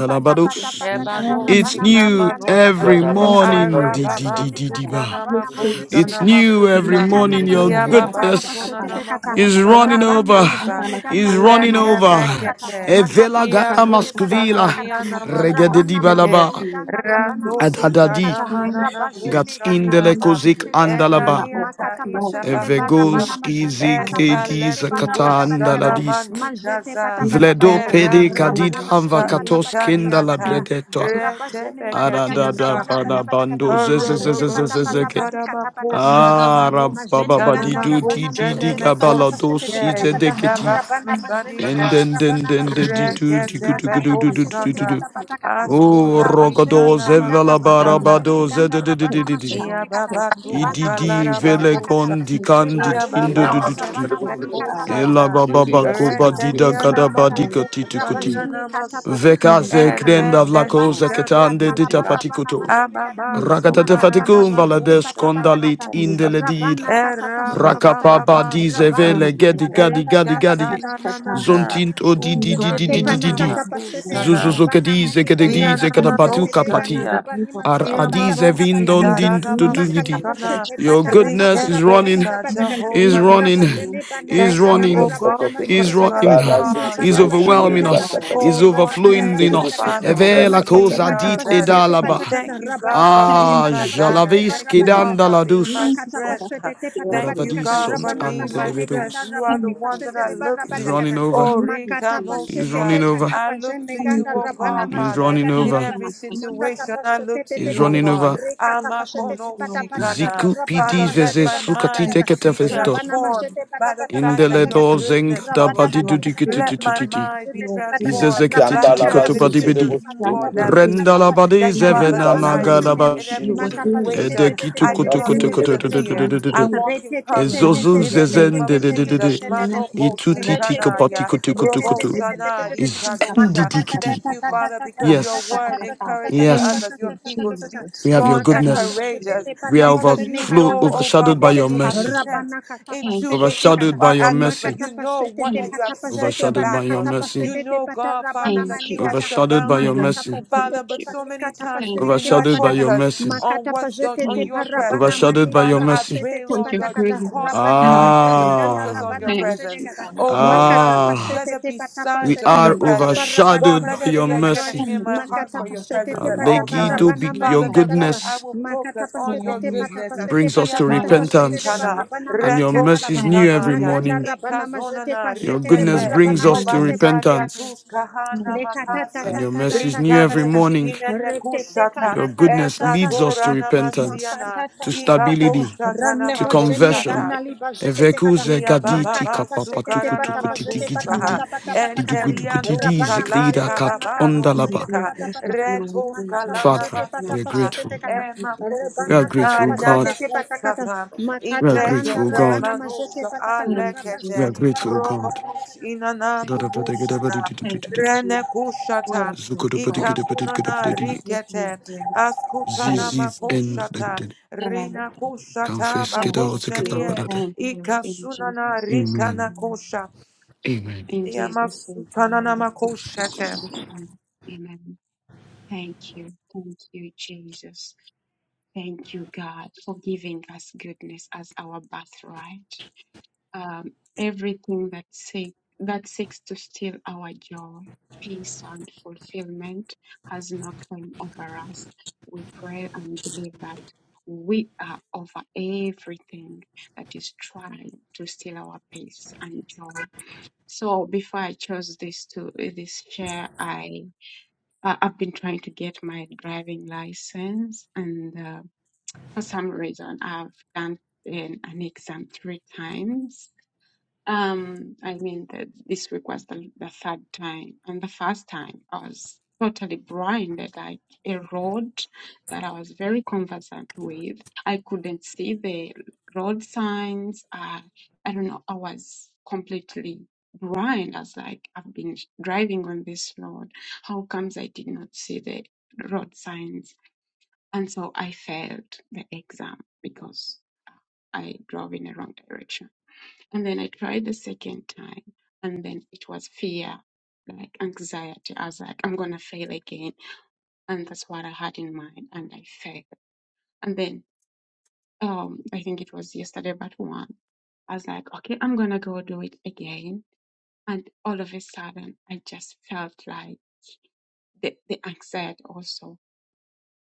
S2: you.
S4: patapatapatakata,
S2: Thank
S3: It's
S4: rabana
S2: you.
S6: Ebanosita
S3: new
S4: manikanda
S6: manosha,
S3: every
S2: thank
S4: rabadabadagada,
S2: you.
S3: morning, di di
S6: arababa
S3: di di di
S2: Yeah.
S4: rebazeneganda
S3: ba.
S6: sutana
S2: Used
S4: rabana
S2: to
S6: makosha
S4: mazetete
S2: do
S6: na
S3: It's
S4: kata,
S3: new
S2: Kenza. Thank
S6: makusa,
S3: every
S2: you. Thank you.
S3: morning. Your
S4: makatapasetete te
S2: Thank
S6: iababa
S4: pata
S3: goodness
S6: suna
S4: pashete
S6: na
S4: te kata,
S3: is
S6: makosha na na
S3: running
S4: Rabana
S3: over,
S6: makusa,
S4: mazene ganda
S3: is running
S4: rabana
S6: lete
S3: over.
S4: mazete kata.
S6: brekete,
S4: makata
S3: Evela gata
S4: pasete te
S6: iakusha
S4: pata
S3: maskvila,
S4: pata
S6: tania
S4: kata
S6: na
S3: regede di
S4: rabana
S6: makusike,
S3: balaba,
S4: mazene ganda rabana mazete
S6: ratovika na
S3: adadadi.
S4: kata.
S6: manana
S2: you.
S4: rabazene
S3: Gats
S6: kusha
S3: in
S4: ganda
S3: the
S2: Thank
S6: niata,
S3: lekozik
S4: rabazete
S2: you.
S4: legata
S2: We are
S6: enaniata
S4: makata pasete
S2: overflowing.
S4: le
S2: We
S6: intabakusha,
S2: are
S4: barabana
S3: Evegoski
S4: mazete pata
S2: overflowing.
S4: pasete
S3: zigredi
S4: le
S2: We are
S6: Eskaletuku
S4: barabada pata
S3: zakatanda la
S6: shana
S4: kata
S2: overflowing.
S3: dist.
S4: mazete
S6: manikaza
S4: pata
S2: We are
S4: pata
S3: Vledo
S4: pata kata
S2: flowing in
S3: pede
S2: the
S6: erato
S3: kadid
S2: name
S4: rabana
S2: of
S3: anva
S6: tuska
S4: mazete pata
S2: Jesus.
S3: katos
S4: pata pata
S3: kenda la
S4: pata
S6: ikanianta
S4: kata
S2: Thank you,
S3: bredetwa.
S2: Jesus.
S4: rabazene
S6: retebeke
S4: banda
S2: Thank
S3: Arada
S4: ganda
S2: you,
S6: tuska
S3: da
S4: rabala
S3: bana
S2: Jesus.
S4: bada pata kata
S3: bando
S2: Thank
S4: mazete
S6: arababa
S2: you,
S4: pata pata
S3: zezezezezezezege.
S4: pati
S2: Jesus.
S6: sutarama
S4: kata pata
S2: Thank
S6: koshana
S2: you,
S3: Ara
S6: manuski
S3: baba
S4: Majene
S3: badi
S2: Thank
S4: ganda
S6: tanama
S3: do
S2: you.
S3: di
S4: rabana
S3: di
S6: koshene
S3: di
S4: machete te pata
S3: gabala do
S4: pachete
S6: mekosike
S4: te
S3: si
S4: pata pata
S2: Thank
S3: zedegeti.
S2: you.
S4: rabana
S2: Thank you,
S4: majene
S6: itabasukanita
S3: And
S2: Jesus.
S4: ganda
S3: then then
S4: rabana
S3: then the
S4: machete
S3: di
S4: ya
S2: Thank
S3: do di
S2: you,
S3: gu du
S6: reketebe
S3: gu
S2: Master
S4: makata
S3: du du
S2: King
S3: du
S2: of
S4: pachete
S3: du
S4: te
S3: du
S6: kosata
S3: du.
S2: Kings.
S4: pata
S2: Thank
S4: pata
S2: you,
S4: kata
S2: wonderful
S3: Oh
S2: Lord of Lords.
S3: rogodo
S4: rabashene
S6: astuladikana
S4: ganda
S3: zevala
S4: rabana
S6: makostata
S2: Thank
S4: majene
S3: barabado
S2: you.
S4: ganda rabana
S2: Take
S3: zedededededede.
S4: machete
S6: Ia
S4: te
S2: charge,
S4: kata
S2: take
S6: baba
S2: charge,
S4: ribana
S6: tuska
S2: take
S3: Ididi
S6: lara
S4: machete te
S2: charge,
S4: pata kata
S6: bakosa.
S3: velegon di
S2: take
S3: candid
S2: charge,
S6: Ia
S4: rebajene
S2: King of
S6: baba
S4: ganda
S2: Kings.
S3: indo
S6: sete
S4: rabana
S2: Take
S4: mani kata laba
S2: charge,
S3: Ela
S6: bekosata.
S3: baba
S2: take
S4: rabajene
S3: bago
S4: kata
S5: basiki
S2: charge.
S5: sigi
S4: pachete
S3: badida
S4: te
S5: busu
S6: Reteniana
S3: gada
S4: pata kata
S2: Thank
S3: badiga
S2: you,
S6: manukusa
S3: titukuti.
S4: rabajene
S6: niana
S2: Jesus.
S4: kata
S6: maso.
S4: pachete
S3: Veka
S4: te
S2: Thank
S3: ze
S4: pata
S2: you,
S4: kata
S2: King
S3: krenda
S2: of
S3: vlako
S2: Glory.
S4: rebana
S6: Eretenika
S4: li
S3: zeketande
S4: kata
S2: Thank
S3: dita
S4: laba
S6: nukusa.
S2: you,
S4: rabana
S3: patikuto.
S2: Jesus.
S4: majene ganda
S6: Ababa
S2: Thank you,
S3: Rakata te
S6: sokara
S2: Master
S4: makata pachete te
S2: Jesus.
S3: balades
S6: namakusa
S4: pata pata
S3: condalit
S4: kata
S2: Thank
S6: namakosa.
S3: indele
S2: you,
S3: did.
S4: Rabana
S2: God.
S4: kata
S6: Era
S4: pashete
S6: baba
S3: Rakapa
S2: Thank
S4: patakata.
S2: you.
S6: baba
S3: badi
S4: Rabani
S6: soka.
S3: zevele gedi
S4: kanda
S2: Amen.
S3: gadi
S4: rabada
S3: gadi
S4: bada
S6: Erikata
S3: gadi.
S4: batakata.
S6: na
S2: Mr.
S6: na na
S2: God.
S6: na.
S4: Mashata
S3: Zontint o
S4: kata
S3: di
S2: King
S3: di
S2: of
S3: di di
S4: zete
S3: di di
S6: Ukania
S2: kings,
S3: di
S2: Lord
S3: di.
S4: panakata
S2: of
S4: pashete.
S2: lords.
S6: namakusa
S2: uh,
S4: Ribana
S3: Zuzuzokedi
S4: mani
S2: You are
S4: ganda
S3: zegedi
S2: the
S3: zegada
S2: King of
S3: batu
S4: rabasete
S2: kings.
S4: legana
S2: You
S3: kapati.
S2: are
S6: Ianamanoskania,
S2: the King
S4: rabani
S2: of
S3: Ar
S4: masete
S2: sorrow.
S4: pata
S3: adize
S4: pata
S6: Iamanoski
S2: You
S3: vindon
S2: are
S4: patakata.
S2: the
S3: din du du
S2: goodness
S4: Makata
S3: di.
S2: and
S6: Taradabasukana,
S4: pashete
S2: salvation,
S3: Your
S4: pata
S2: King of
S4: pata
S3: goodness is
S2: kings.
S4: parabada
S2: uh,
S3: running
S4: bada
S6: Riketosa,
S2: You
S4: batakata.
S2: are
S3: He's
S6: Jehovah
S2: goodness
S3: running,
S2: and
S6: Nisi.
S4: Rabajene
S2: mercy,
S3: he's
S6: Thank
S4: banakata
S2: God.
S6: you,
S4: laba
S6: O
S3: running,
S2: of
S4: rabana
S6: God,
S5: Basakata.
S3: he's
S4: mashete
S2: lords.
S6: because you
S4: pata
S6: are
S3: running,
S4: pata.
S5: Father,
S2: Thank
S5: say
S2: you
S6: God,
S5: to the
S3: He's
S4: Rabada
S6: my
S2: for
S5: bush,
S2: the
S5: Shindu
S4: bashete
S6: banner.
S3: overwhelming
S5: the
S4: pata
S3: us,
S5: Basakata.
S2: joy.
S4: pashete
S3: he's
S4: le
S6: O Lord,
S4: barabada
S2: Thank
S3: overflowing
S6: thank
S5: To
S4: bada
S3: in
S5: the
S2: you
S6: you,
S3: us.
S2: for
S4: batakata.
S6: Father,
S2: joy.
S5: bush,
S6: for
S3: Evela
S4: Majete
S5: Basakata.
S6: being
S3: cosa
S2: Thank
S4: pata
S2: you
S6: our
S3: dit
S2: for
S6: banner.
S4: pashete te
S3: edalaba.
S6: Thank
S4: patakata.
S2: contentment.
S6: you, God,
S4: Rabana
S6: for
S4: majete
S6: being
S2: Thank
S3: Ah,
S4: pata
S6: my
S2: you to
S4: pashete le
S6: banner.
S3: jalavis
S6: Thank you,
S2: Jesus.
S6: God,
S4: kata.
S6: for being my
S3: kidandaladus.
S2: Thank you
S4: Makata
S2: for
S6: strength.
S2: that
S4: pashete te
S2: fulfilled
S4: pata
S6: Thank
S4: pati
S6: you,
S3: Oravadis
S4: kata
S2: life,
S6: God,
S3: sunt
S6: for
S2: oh
S4: rabana
S6: being my
S2: God.
S4: majene
S6: strength.
S4: ganda
S3: andelevedus.
S6: You are the
S4: rabati
S2: Thank
S6: one
S2: you,
S6: that
S4: pashete
S6: I
S4: reba
S6: look
S2: Jesus.
S3: He's
S6: to.
S3: running
S4: rabada
S3: over,
S6: Oh,
S2: Thank you,
S4: Makata
S2: Jesus.
S3: he's
S4: pashete
S6: Rikanosia.
S4: te
S3: running over,
S6: I
S4: patapa
S6: look
S4: jene
S6: to
S2: Thank
S6: you,
S4: ganda
S2: you,
S6: O
S4: rabana
S6: God,
S2: Father.
S3: he's
S4: majene
S6: Father,
S3: running
S4: ganda
S2: Thank
S6: in
S3: over,
S4: raba.
S2: you,
S6: every
S2: Master Jesus.
S4: Makata
S6: situation. I
S4: pashete
S6: look
S4: te
S6: to
S4: te
S3: he's
S6: you,
S4: te
S2: Thank
S6: O
S2: you.
S4: te
S3: running
S4: te.
S6: God.
S3: over.
S4: Rekata pashete
S2: Thank
S4: te
S2: you,
S4: pata
S2: oh
S4: pata
S2: God.
S4: kata.
S6: Amakonoshikana.
S3: Ziku
S4: Rabana
S3: pidis
S6: Father,
S2: Thank
S6: let
S3: vese
S4: majene
S6: my
S4: bada bada
S3: sukati
S6: mind
S2: thank
S4: kata.
S6: be
S2: you. Thank
S3: teketefesto.
S2: you.
S4: Rabana
S6: transformed.
S4: majete pata
S6: By
S2: Thank
S6: the
S4: pata pata
S6: fact that
S4: pata
S6: your
S3: Indeledo
S4: kata.
S2: you.
S3: zenga
S6: goodness
S3: da
S4: Rabada
S6: follows
S3: badi
S2: You
S4: bada
S6: me,
S2: are
S4: bada
S2: good.
S4: kata.
S6: let my
S4: Rabana
S3: dudikititititi.
S6: mind be
S2: You
S4: majete
S2: are
S4: te
S2: good.
S4: pata
S2: You are good.
S4: kata.
S6: transformed by
S4: Rabani
S6: the
S2: You
S5: Zandala
S2: were
S4: kata
S6: fact that it
S5: Basu
S2: good.
S5: to
S4: pashete
S5: the
S6: is
S3: Izezeketititikotobadibedi.
S4: te
S5: bush,
S6: you,
S4: pata.
S2: God,
S6: Lord,
S5: Shindu
S2: you
S6: that
S5: the
S4: Rabana
S2: were
S5: bush.
S6: leads
S2: good.
S4: kata
S6: me,
S3: Rendalabadi
S4: pashene
S6: that you are
S4: ganda
S2: Goodness
S5: You
S2: is your
S4: rabana
S6: beside
S5: Basakata to
S6: me
S2: name.
S5: the
S4: majene.
S3: zevenamagadaba
S6: in
S5: bush,
S2: You
S6: every
S5: Shindu
S2: were
S4: Mata
S5: the
S2: good.
S5: bush.
S4: pashete te
S6: situation.
S4: te te
S6: I
S4: te te
S6: do
S2: I'm
S5: That's
S4: te
S6: not
S5: in
S6: need
S4: te
S2: good.
S4: te
S6: to
S4: te te.
S5: the
S2: I'm
S6: fear.
S5: bush.
S6: I
S3: edekitukutukutukutututututututu
S2: good.
S6: walk in courage
S3: ezozu
S2: Nothing
S6: in
S2: is
S6: the name of
S2: missing.
S3: zezendedededede
S6: Jesus. Mano
S2: Nothing is broken. You
S6: Robo
S2: are
S3: itutitikopatikutukutukutu
S6: sana
S2: good.
S6: rikadosha. Thank
S3: izendidikiti.
S6: you,
S2: Pa-pa-pa-pa-pa-pa-pa.
S6: Father, because your
S3: Yes,
S6: word
S2: Pa-pa-pa-pa-pa-pa.
S6: encourages us
S2: Thank
S3: yes,
S6: as your
S2: you,
S6: people to be
S2: Jesus.
S3: we have your
S6: strong and
S2: Thank
S3: goodness.
S2: you.
S6: courageous
S3: We are
S6: because
S2: Thank
S6: you
S2: you,
S3: overflow,
S2: King
S6: know,
S2: of
S6: oh
S3: overshadowed
S6: God,
S3: by
S6: what
S3: your
S2: Kings.
S6: you have
S2: Thank
S3: mercy,
S2: you.
S6: sent
S2: Thank
S6: into,
S2: you,
S6: into
S3: overshadowed by
S6: our
S3: your
S2: Jesus.
S6: atmosphere.
S3: mercy,
S6: You know what
S2: Thank
S6: you have
S2: you.
S6: sent to
S2: Thank
S3: overshadowed by
S6: back
S3: your
S6: us.
S3: mercy,
S2: you.
S6: You know, God, Father,
S2: Thank
S6: that you
S2: you.
S6: are
S3: overshadowed by your
S6: surrounding
S2: Thank
S6: us.
S2: you.
S3: mercy,
S2: Thank
S6: Father,
S2: you.
S6: but so many times
S2: Thank
S6: we
S2: you,
S4: Makata
S6: do
S4: pashete
S6: not
S3: overshadowed by
S4: patakata
S3: your
S6: focus
S3: mercy,
S2: Jesus.
S6: on
S4: makata
S6: what's on,
S4: pajete
S6: on
S4: te
S2: Thank
S6: your
S2: you.
S6: presence.
S4: parabana
S2: Thank
S3: overshadowed by your
S6: Father,
S2: you
S4: manikata
S6: I
S3: mercy.
S4: pashete
S6: pray,
S4: te
S2: for
S6: Lord
S2: your
S6: God, you
S4: patakata
S2: goodness.
S6: cause me,
S4: rabana
S2: Thank
S6: help me to
S4: mazene
S2: you.
S4: ganda
S6: focus
S3: Ah.
S6: on your
S4: rabana
S2: Thank
S4: mazene
S6: presence.
S2: you,
S4: gata
S2: God,
S6: Oh,
S2: for
S6: Lord
S2: your
S6: God,
S4: makata
S3: Ah,
S2: goodness.
S6: let
S4: pashete
S6: there
S4: te
S6: be
S4: patapa
S3: We
S6: signs of
S4: shete
S6: your
S4: te
S3: are
S2: Thank
S4: patapa
S6: presence.
S2: you.
S4: rabana
S6: Lord,
S3: overshadowed
S6: let
S3: by
S6: there
S4: mazene
S3: your
S6: be a
S4: patakata
S6: yearning
S3: mercy.
S6: in
S2: Thank
S6: my
S2: you,
S6: heart
S4: makata
S6: for your
S2: Father.
S4: pashete
S6: presence
S3: Uh,
S4: te
S6: at all
S4: patapa
S2: Thank
S6: times.
S3: Legido,
S4: rabana
S3: be-
S2: you,
S3: your
S6: Father, then,
S4: manikata
S6: Lord,
S4: laba
S2: Father.
S6: I
S3: goodness
S6: will
S4: makata
S6: focus on
S4: pashete
S6: your
S4: te
S2: Thank
S6: goodness
S4: patapa
S2: you.
S4: shete
S3: brings us to
S4: patapa
S2: Thank
S4: tapa
S2: you,
S4: shete te
S3: repentance,
S6: shikana,
S2: Jesus.
S4: parabana
S3: and your
S6: reto
S4: manikata
S3: mercy is
S4: laba
S3: new
S2: Thank
S3: every
S2: you.
S6: shikanaya,
S4: maganda
S3: morning.
S4: rabana mazete
S6: ikazonana
S3: Your
S4: pashete le
S3: goodness
S2: Thank
S6: rikete,
S3: brings
S4: barabana
S3: us
S2: you,
S3: to
S4: mazete
S2: Lord.
S6: obasaria
S4: patikata
S3: repentance,
S6: tus kahana
S2: Thank you. Thank you. Thank you.
S3: and
S6: makase,
S3: your mercy is new every
S4: Lekatatatatatatata.
S6: rikanusi
S3: morning.
S6: inene
S2: Thank
S6: kushata,
S3: Your
S2: you.
S3: goodness leads us
S6: ezatora
S4: Retetekatatatatatata.
S3: to
S2: In
S3: repentance,
S6: namasiana,
S3: to
S6: iba
S4: Makatatatata.
S3: stability,
S6: koshata
S4: Randa
S3: to
S4: bajene
S3: conversion.
S6: namakoshata.
S4: gana li bajete tekata.
S3: Evekuze
S6: Ia baba
S3: gaditi
S4: Makata
S6: ba
S4: pasete
S6: sukara
S4: tepata pasete pata
S6: namakusa
S3: kapapatukutukutitigidi.
S4: pata pata
S2: Jesus'
S4: pata kata.
S2: name,
S6: enteria nus
S3: Idugudugudidi
S4: Rabana kata
S3: zekrida
S6: kalata
S4: pata
S6: baba
S4: kata. Makata
S2: in
S3: katondalaba.
S4: pasete
S6: nosika
S4: pata
S2: Jesus'
S4: majetepakatapashetepatapakata.
S6: retos kalana
S3: Father, we are
S2: name,
S6: masuta
S3: grateful.
S2: in
S4: Makatapashetepatapashetekata.
S6: ema
S2: Jesus'
S6: kusa
S3: We are
S4: Rabana
S2: name.
S4: kata
S3: grateful,
S6: nanaria
S4: pasete
S3: God.
S4: tepata kata. katapashetepatakata.
S2: It's
S6: nakusata
S2: the
S3: We are
S4: Makatalanda
S3: grateful,
S6: ibrekete
S3: God.
S4: rabana majete
S6: manusha
S4: pata kata.
S2: Thank
S4: majetepatakata.
S2: you,
S3: We are
S6: alekete
S2: Jesus.
S4: Rabashene
S3: grateful, God.
S6: robobus
S4: ganda
S6: inanandu
S3: Ziziv
S6: kusana
S2: Thank
S6: rene
S2: you.
S6: kushata
S2: Welcome, God.
S6: ikazuna na
S2: Thank you,
S6: rikete
S2: Lord.
S6: askutana
S2: Thank you.
S6: makushata
S3: end.
S2: Thank
S6: Rina
S2: you.
S6: kusha
S3: confess.
S6: taba
S3: get
S2: Thank
S3: out,
S6: kusha
S2: you.
S6: niye
S2: Thank you. In
S6: ikasuna na
S2: Jesus'
S6: rika na
S3: Amen.
S2: name.
S6: kusha
S3: Amen.
S2: In Jesus'
S6: yamasuta na na
S2: name. In
S6: makusha
S2: Jesus' name. Amen. Thank you. Thank you, Jesus. Thank you, God, for giving us goodness as our birthright. um, everything that seek, that seeks to steal our joy, peace, and fulfillment has no claim over us. We pray and believe that we are over everything that is trying to steal our peace and joy. So before I chose this to this chair, I uh, I've been trying to get my driving license, and uh, for some reason, I've done an, an exam three times um, I mean, that this request the, the third time, and the first time I was totally blinded, like a road that I was very conversant with. I couldn't see the road signs. I, I don't know. I was completely blind. I was like, I've been driving on this road. How comes I did not see the road signs? And so I failed the exam because I drove in the wrong direction. And then I tried the second time, and then it was fear, like anxiety. I was like, I'm gonna fail again, and that's what I had in mind, and I failed. And then, um, I think it was yesterday, but one, I was like, okay, I'm gonna go do it again, and all of a sudden, I just felt like the the anxiety also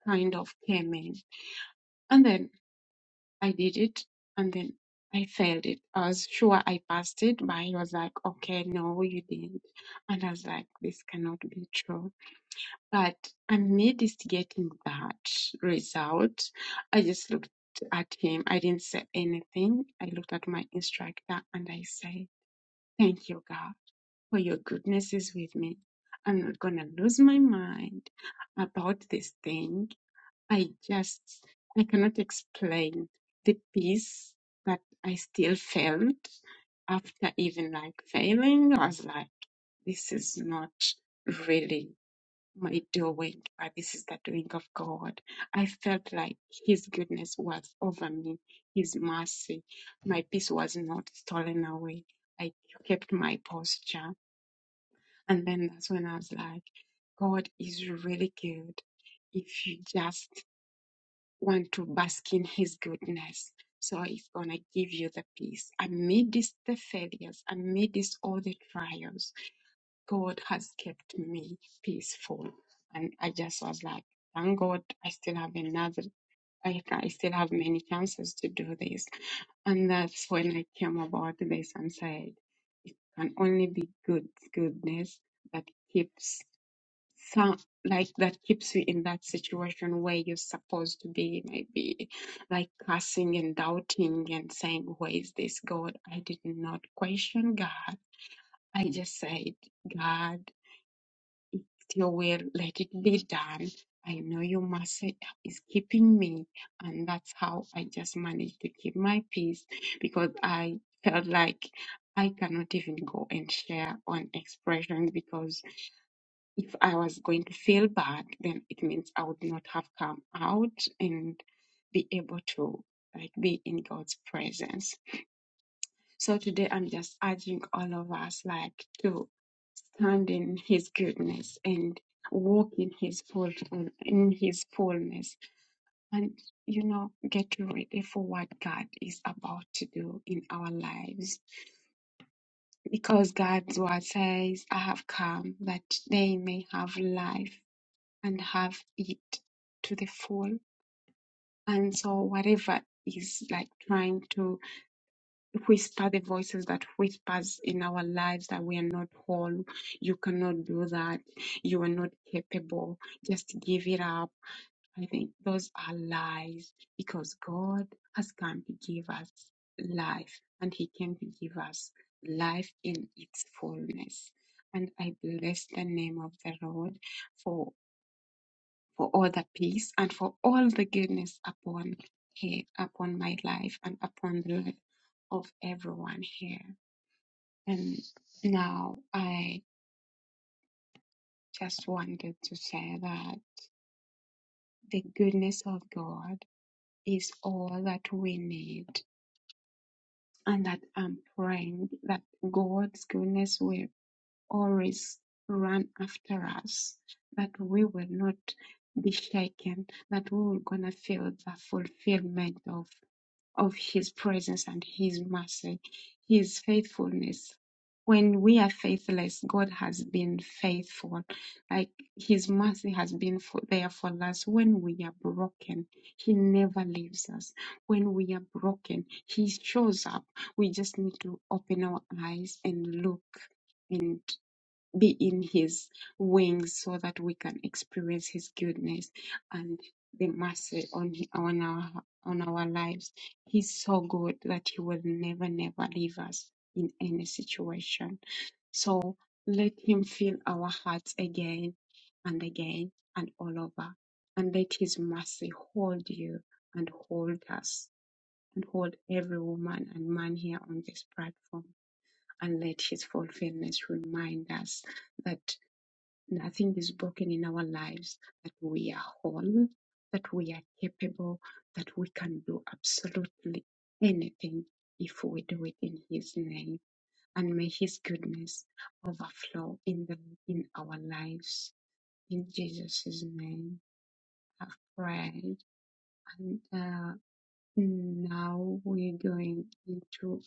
S2: kind of came in, and then I did it and then I failed it. I was sure I passed it, but he was like, okay, no, you didn't. And I was like, this cannot be true. But amidst getting that result, I just looked at him. I didn't say anything. I looked at my instructor and I say, thank you, God, for your goodness is with me. I'm not going to lose my mind about this thing I just, I cannot explain the peace that I still felt after even like failing. I was like, this is not really my doing, but this is the doing of God. I felt like His goodness was over me, His mercy. My peace was not stolen away. I kept my posture. And then that's when I was like, God is really good. If you just want to bask in his goodness. So he's going to give you the peace. Amidst the failures, amidst all the trials, God has kept me peaceful. And I just was like, thank God I still have another, I, I still have many chances to do this. And that's when I came about this and said, can only be good goodness that keeps some like that keeps you in that situation where you're supposed to be maybe like cursing and doubting and saying where is this god i did not question god i just said god still will let it be done i know your mercy is keeping me and that's how i just managed to keep my peace because i felt like i cannot even go and share on expressions because if I was going to feel bad, then it means I would not have come out and be able to like be in God's presence. So today I'm just urging all of us like to stand in his goodness and walk in his full in his fullness and you know get ready for what God is about to do in our lives because God's word says I have come that they may have life and have it to the full. And so whatever is like trying to whisper the voices that whispers in our lives that we are not whole, you cannot do that, you are not capable, just give it up. I think those are lies because God has come to give us life and He came to give us life in its fullness. And I bless the name of the Lord for for all the peace and for all the goodness upon here, upon my life and upon the life of everyone here. And now I just wanted to say that the goodness of God is all that we need and that I'm praying that God's goodness will always run after us, that we will not be shaken, that we will gonna feel the fulfillment of of his presence and his mercy, his faithfulness. When we are faithless, God has been faithful. Like his mercy has been for, there for us. When we are broken, he never leaves us. When we are broken, he shows up. We just need to open our eyes and look. and be in his wings so that we can experience his goodness and the mercy on hi- on our on our lives. He's so good that he will never never leave us in any situation. So let him fill our hearts again and again and all over and let his mercy hold you and hold us and hold every woman and man here on this platform and let his fulfillment remind us that nothing is broken in our lives, that we are whole, that we are capable, that we can do absolutely anything if we do it in His name. And may His goodness overflow in the in our lives. In Jesus' name, I've prayed. And uh, now we're going into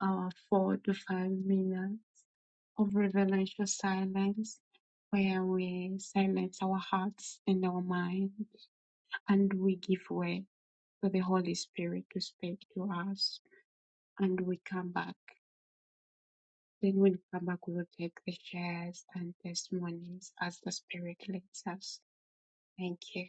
S2: our four to five minutes. of reverential silence where we silence our hearts and our mind and we give way for the Holy Spirit to speak to us and we come back. Then when we come back, we will take the shares and testimonies as the Spirit leads us. Thank you.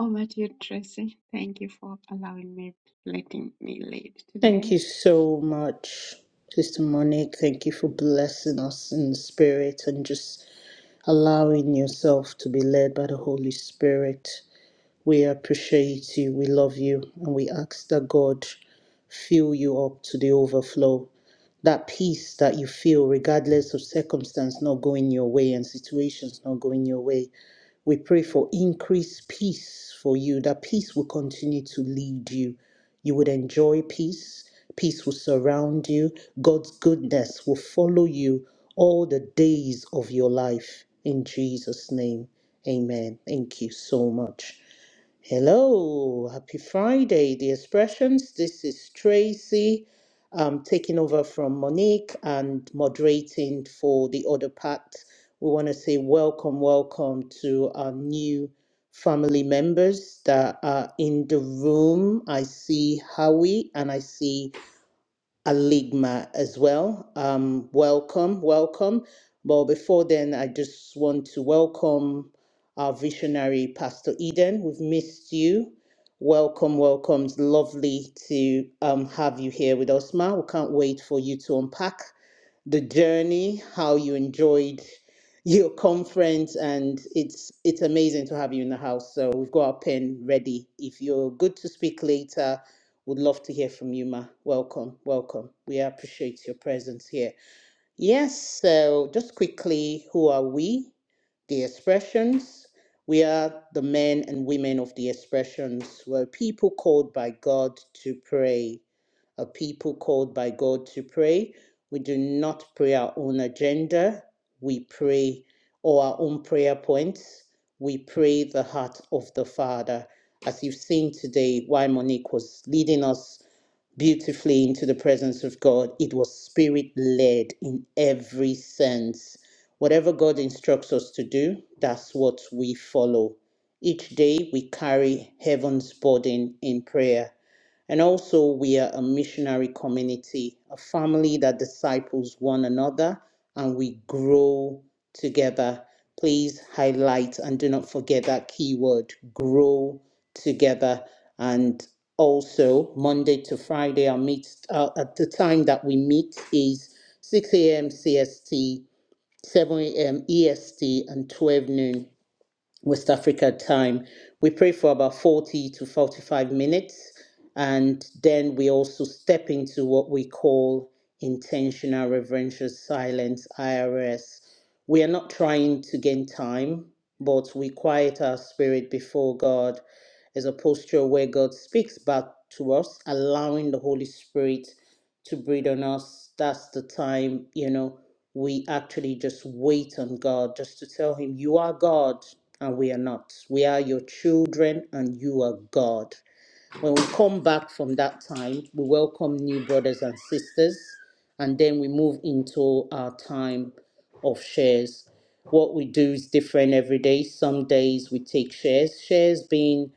S2: Over to you, Tracy. Thank you for allowing me, letting me lead
S1: Thank
S2: today.
S1: you so much, Sister Monique. Thank you for blessing us in the spirit and just allowing yourself to be led by the Holy Spirit. We appreciate you, we love you, and we ask that God fill you up to the overflow. That peace that you feel, regardless of circumstance not going your way and situations not going your way. We pray for increased peace for you, that peace will continue to lead you. You would enjoy peace, peace will surround you, God's goodness will follow you all the days of your life. In Jesus' name, amen. Thank you so much. Hello, happy Friday, the expressions. This is Tracy, um, taking over from Monique and moderating for the other part. We want to say welcome, welcome to our new family members that are in the room. I see Howie and I see Aligma as well. Um, welcome, welcome. But before then, I just want to welcome our visionary, Pastor Eden. We've missed you. Welcome, welcome. It's lovely to um, have you here with us, Ma. We can't wait for you to unpack the journey, how you enjoyed your conference, and it's it's amazing to have you in the house. So we've got our pen ready. If you're good to speak later, would love to hear from you, Ma. Welcome, welcome. We appreciate your presence here. Yes, so just quickly, who are we? The expressions. We are the men and women of the expressions. We're people called by God to pray a people called by God to pray. We do not pray our own agenda. We pray or our own prayer points. We pray the heart of the Father. As you've seen today, why Monique was leading us beautifully into the presence of God, it was spirit led in every sense. Whatever God instructs us to do, that's what we follow. Each day we carry heaven's burden in prayer and also, we are a missionary community, a family that disciples one another and we grow together. Please highlight and do not forget that keyword grow together. And also, Monday to Friday, our meet, uh, at the time that we meet is 6 a.m. CST, 7 a.m. EST, and 12 noon West Africa time. We pray for about 40 to 45 minutes, and then we also step into what we call intentional reverential silence IRS. We are not trying to gain time, but we quiet our spirit before God as a posture where God speaks back to us, allowing the Holy Spirit to breathe on us. That's the time, you know, we actually just wait on God, just to tell Him, You are God and we are not. We are your children and you are God. When we come back from that time, we welcome new brothers and sisters, and then we move into our time of shares. What we do is different every day. Some days we take shares, shares being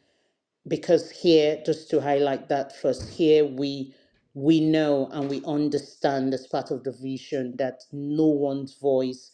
S1: because here, just to highlight that first, here we we know and we understand as part of the vision that no one's voice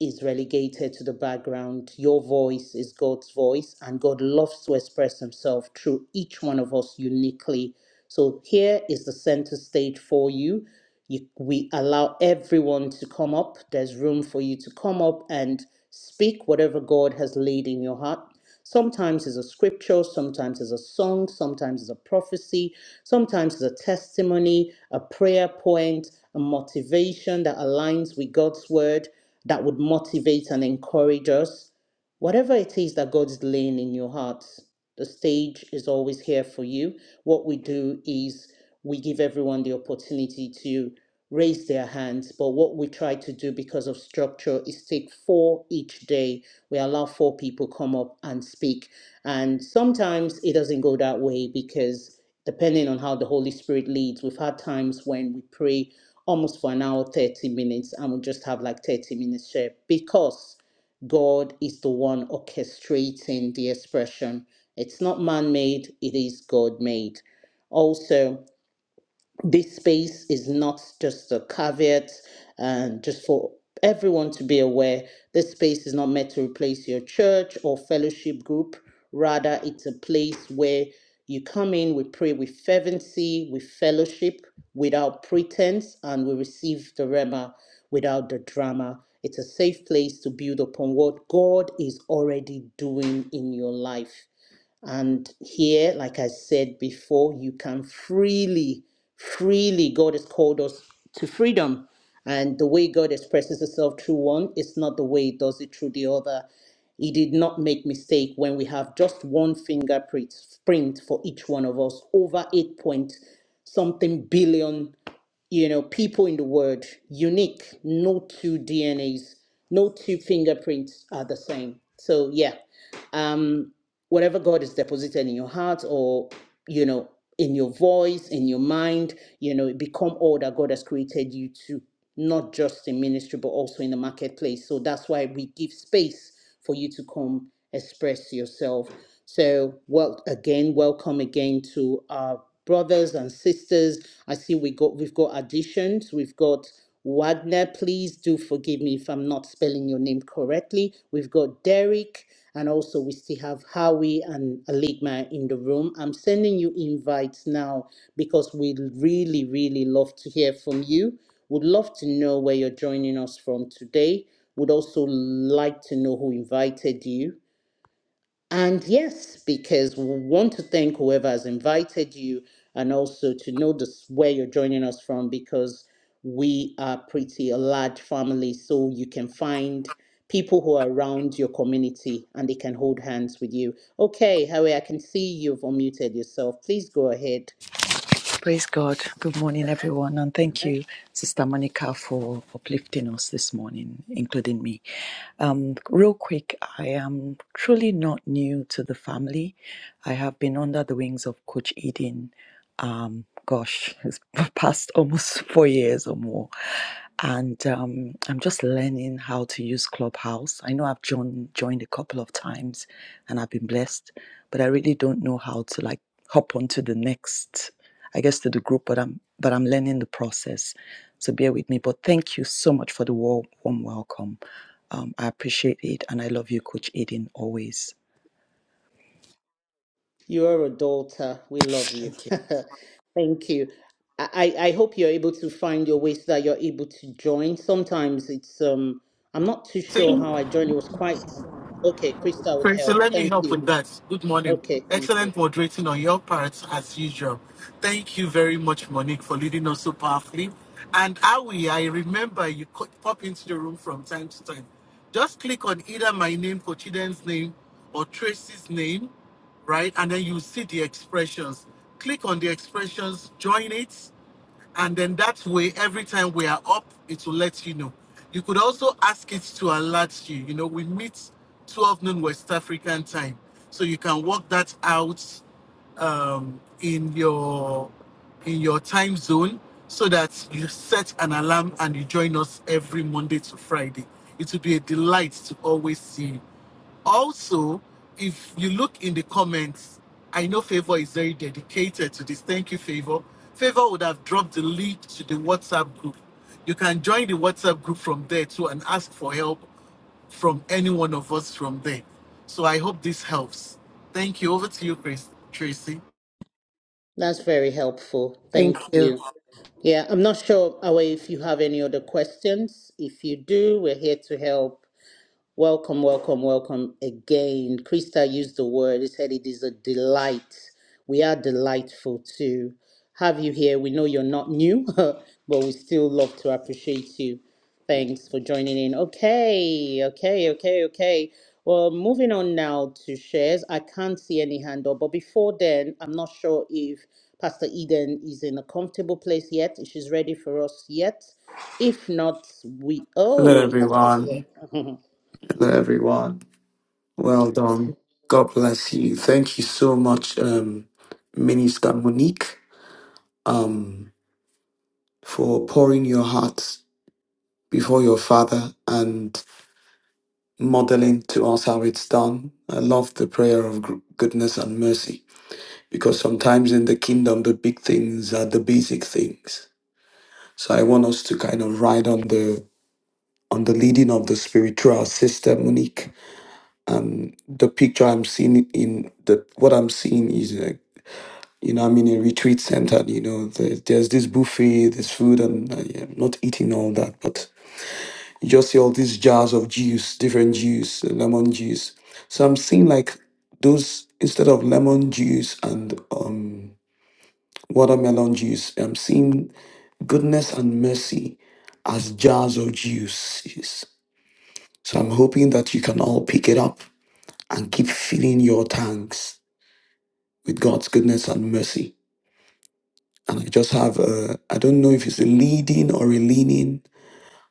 S1: is relegated to the background. Your voice is God's voice, and God loves to express Himself through each one of us uniquely. So, here is the center stage for you. you we allow everyone to come up, there's room for you to come up and speak whatever God has laid in your heart. Sometimes it's a scripture, sometimes it's a song, sometimes it's a prophecy, sometimes it's a testimony, a prayer point, a motivation that aligns with God's word that would motivate and encourage us. Whatever it is that God is laying in your hearts, the stage is always here for you. What we do is we give everyone the opportunity to raise their hands, but what we try to do because of structure is take four each day. We allow four people come up and speak. And sometimes it doesn't go that way because depending on how the Holy Spirit leads, we've had times when we pray almost for an hour, 30 minutes, and we'll just have like 30 minutes share because God is the one orchestrating the expression. It's not man made, it is God made. Also, this space is not just a caveat and just for everyone to be aware this space is not meant to replace your church or fellowship group rather it's a place where you come in we pray with fervency we fellowship without pretense and we receive the rema without the drama it's a safe place to build upon what god is already doing in your life and here, like I said before, you can freely, freely, God has called us to freedom. And the way God expresses himself through one is not the way he does it through the other. He did not make mistake when we have just one fingerprint print for each one of us, over eight point something billion, you know, people in the world, unique, no two DNAs, no two fingerprints are the same. So yeah. Um whatever God is deposited in your heart or, you know, in your voice, in your mind, you know, become all that God has created you to, not just in ministry, but also in the marketplace. So that's why we give space for you to come express yourself. So, well, again, welcome again to our brothers and sisters. I see we got we've got additions. We've got Wagner. Please do forgive me if I'm not spelling your name correctly. We've got Derek. And also, we still have Howie and Aligma in the room. I'm sending you invites now because we'd really, really love to hear from you. Would love to know where you're joining us from today. Would also like to know who invited you and yes, because we want to thank whoever has invited you and also to know this, where you're joining us from because we are pretty a large family. So you can find people who are around your community and they can hold hands with you. Okay, Harry, I can see you've unmuted yourself. Please go ahead.
S7: Praise God. Good morning, everyone. And thank you, Sister Monica, for uplifting us this morning, including me. Um, real quick, I am truly not new to the family. I have been under the wings of Coach Eden. Um, gosh, it's past almost four years or more. And um, I'm just learning how to use Clubhouse. I know I've joined, joined a couple of times and I've been blessed, but I really don't know how to like hop onto the next I guess to the group, but I'm but I'm learning the process. So bear with me. But thank you so much for the warm, warm welcome. Um, I appreciate it, and I love you, Coach Aiden, always.
S1: You are a daughter. We love you.
S7: Thank you.
S1: Thank you. I, I I hope you're able to find your ways that you're able to join. Sometimes it's um I'm not too sure
S8: See,
S1: how I joined. It was quite okay. Krista would
S8: Tracy,
S1: help.
S8: let me
S1: Thank
S8: help
S1: you.
S8: with that. Good morning.
S1: Okay, thank you.
S8: Excellent moderating on your part, as usual. Thank you very much, Monique, for leading us so powerfully. And Awi, I remember you co- pop into the room from time to time. Just click on either my name, Kochiden's name, or Tracy's name, right? And then you see the expressions. Click on the expressions, join it, and then that way, every time we are up, it will let you know. You could also ask it to alert you. You know, we meet 12 noon West African time. So you can work that out um, in your in your time zone so that you set an alarm and you join us every Monday to Friday. It will be a delight to always see you. Also, if you look in the comments, I know Favor is very dedicated to this. Thank you, Favor. Favor would have dropped the link to the WhatsApp group. You can join the WhatsApp group from there too and ask for help from any one of us from there. So I hope this helps. Thank you. Over to you, Chris, Tracy.
S1: That's very helpful.
S7: Thank
S1: Thank
S7: you.
S1: you. Yeah, I'm not sure Awe if you have any other questions. If you do, we're here to help. Welcome, welcome, welcome again. Krista used the word, he said it is a delight. We are delightful to have you here. We know you're not new, but we still love to appreciate you. Thanks for joining in. Okay, okay, okay, okay. Well, moving on now to shares. I can't see any hand up, but before then, I'm not sure if Pastor Eden is in a comfortable place yet, if she's ready for us yet. If not, we.
S3: Hello,
S1: Oh, Pastor's
S3: everyone.
S1: here.
S3: Hello, everyone. Well done. God bless you. Thank you so much, um, Minister Monique, um, for pouring your heart before your father. and. modeling to us how it's done. I love the prayer of gr- goodness and mercy because sometimes in the kingdom the big things are the basic things. So I want us to kind of ride on the on the leading of the spiritual sister Monique. And the picture I'm seeing in the what I'm seeing is like you know I'm in a retreat center. You know there, there's this buffet, there's food, and uh, yeah, I'm not eating all that, but You just see all these jars of juice, different juice, lemon juice. So I'm seeing like those instead of lemon juice and um, watermelon juice, I'm seeing goodness and mercy as jars of juices. So I'm hoping that you can all pick it up and keep filling your tanks with God's goodness and mercy. And I just have a, I don't know if it's a leading or a leaning,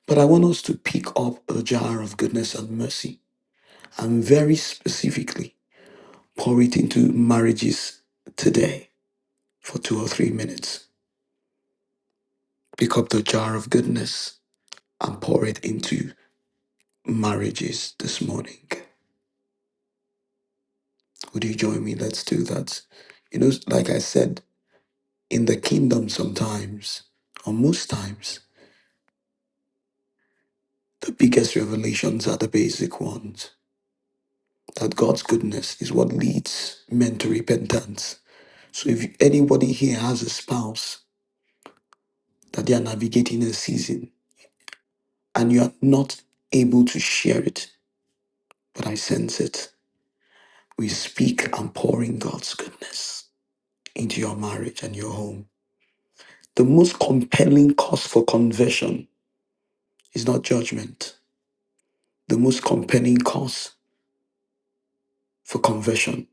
S3: but I want us to pick up a jar of goodness and mercy and very specifically pour it into marriages today for two or three minutes. Pick up the jar of goodness and pour it into marriages this morning. Would you join me? Let's do that. You know, like I said, in the kingdom, sometimes, or most times, the biggest revelations are the basic ones. That God's goodness is what leads men to repentance. So if anybody here has a spouse that they are navigating a season, and you are not able to share it, but I sense it. We speak and pour in God's goodness into your marriage and your home. The most compelling cause for conversion is not judgment. The most compelling cause for conversion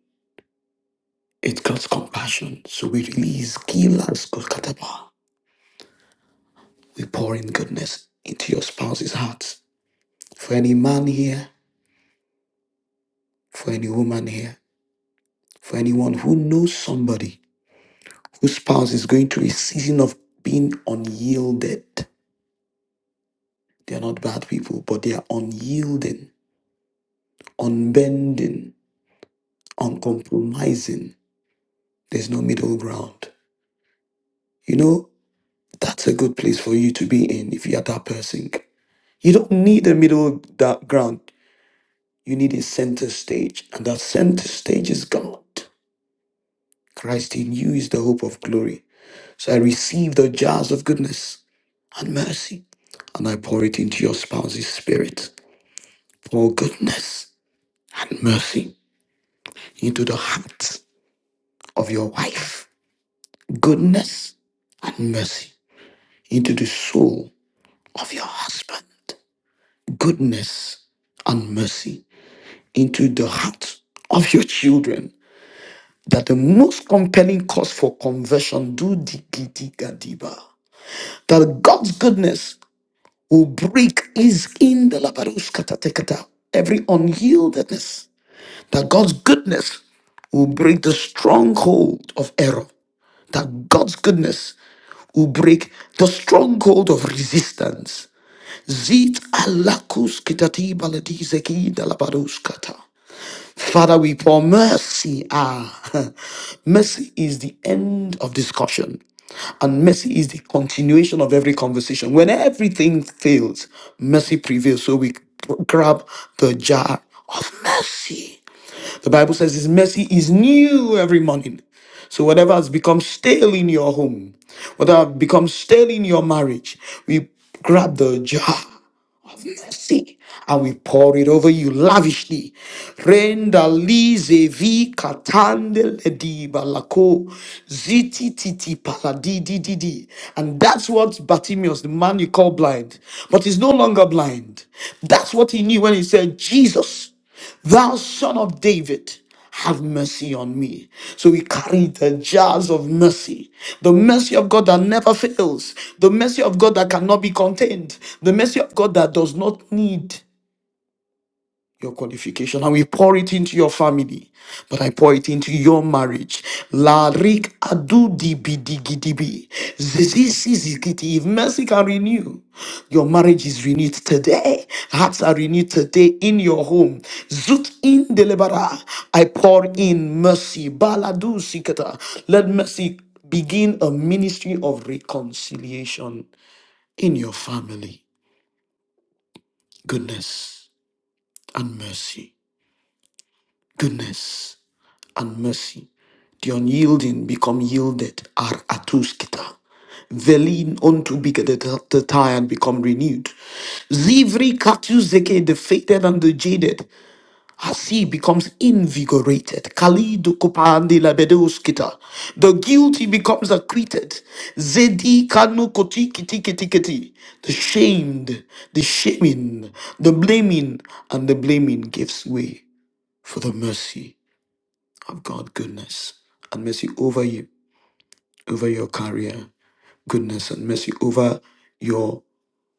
S3: is God's compassion. So we release Gilas Golgataba. We pour in goodness into your spouse's heart. For any man here, for any woman here, for anyone who knows somebody whose spouse is going through a season of being unyielded. They are not bad people, but they are unyielding, unbending, uncompromising. There's no middle ground. You know, that's a good place for you to be in if you are that person. You don't need a middle da- ground. You need a center stage, and that center stage is God. Christ in you is the hope of glory. So I receive the jars of goodness and mercy, and I pour it into your spouse's spirit. Pour goodness and mercy into the heart of your wife, goodness and mercy into the soul of your husband, goodness and mercy into the heart of your children. That the most compelling cause for conversion, do di gidi gadiba. That God's goodness will break is in the labarus katatekata, every unyieldedness that God's goodness will break the stronghold of error, that God's goodness will break the stronghold of resistance. Zit alakus kitati baladi zeki dalabados Father, we pour mercy. Ah, mercy is the end of discussion. And mercy is the continuation of every conversation. When everything fails, mercy prevails. So we grab the jar of mercy. The Bible says His mercy is new every morning. So whatever has become stale in your home, whatever has become stale in your marriage, we grab the jar of mercy. I will pour it over you lavishly. Renda lize vi katande lediba lako ziti titi paladi di di di. And that's what Bartimaeus, the man you call blind, but he's no longer blind. That's what he knew when he said, Jesus. Thou son of David, have mercy on me. So we carry the jars of mercy, the mercy of God that never fails, the mercy of God that cannot be contained, the mercy of God that does not need your qualification and we pour it into your family but i pour it into your marriage la rik adu di bi di gi di bi. Zizi si zi gi ti. if mercy can renew your marriage is renewed today hearts are renewed today in your home zut in delibera i pour in mercy baladu sikata let mercy begin a ministry of reconciliation in your family goodness and mercy goodness and mercy. The unyielding become yielded are atuskita. The lean unto be- the the tired become renewed. Zivri katu zeke, the fated and the jaded, as he becomes invigorated. Kalidu kopande labedoskita. The guilty becomes acquitted. Zedi kanu koti kiti kiti kiti. The shamed, the shaming, the blaming, and the blaming gives way for the mercy of God goodness and mercy over you, over your career, goodness and mercy over your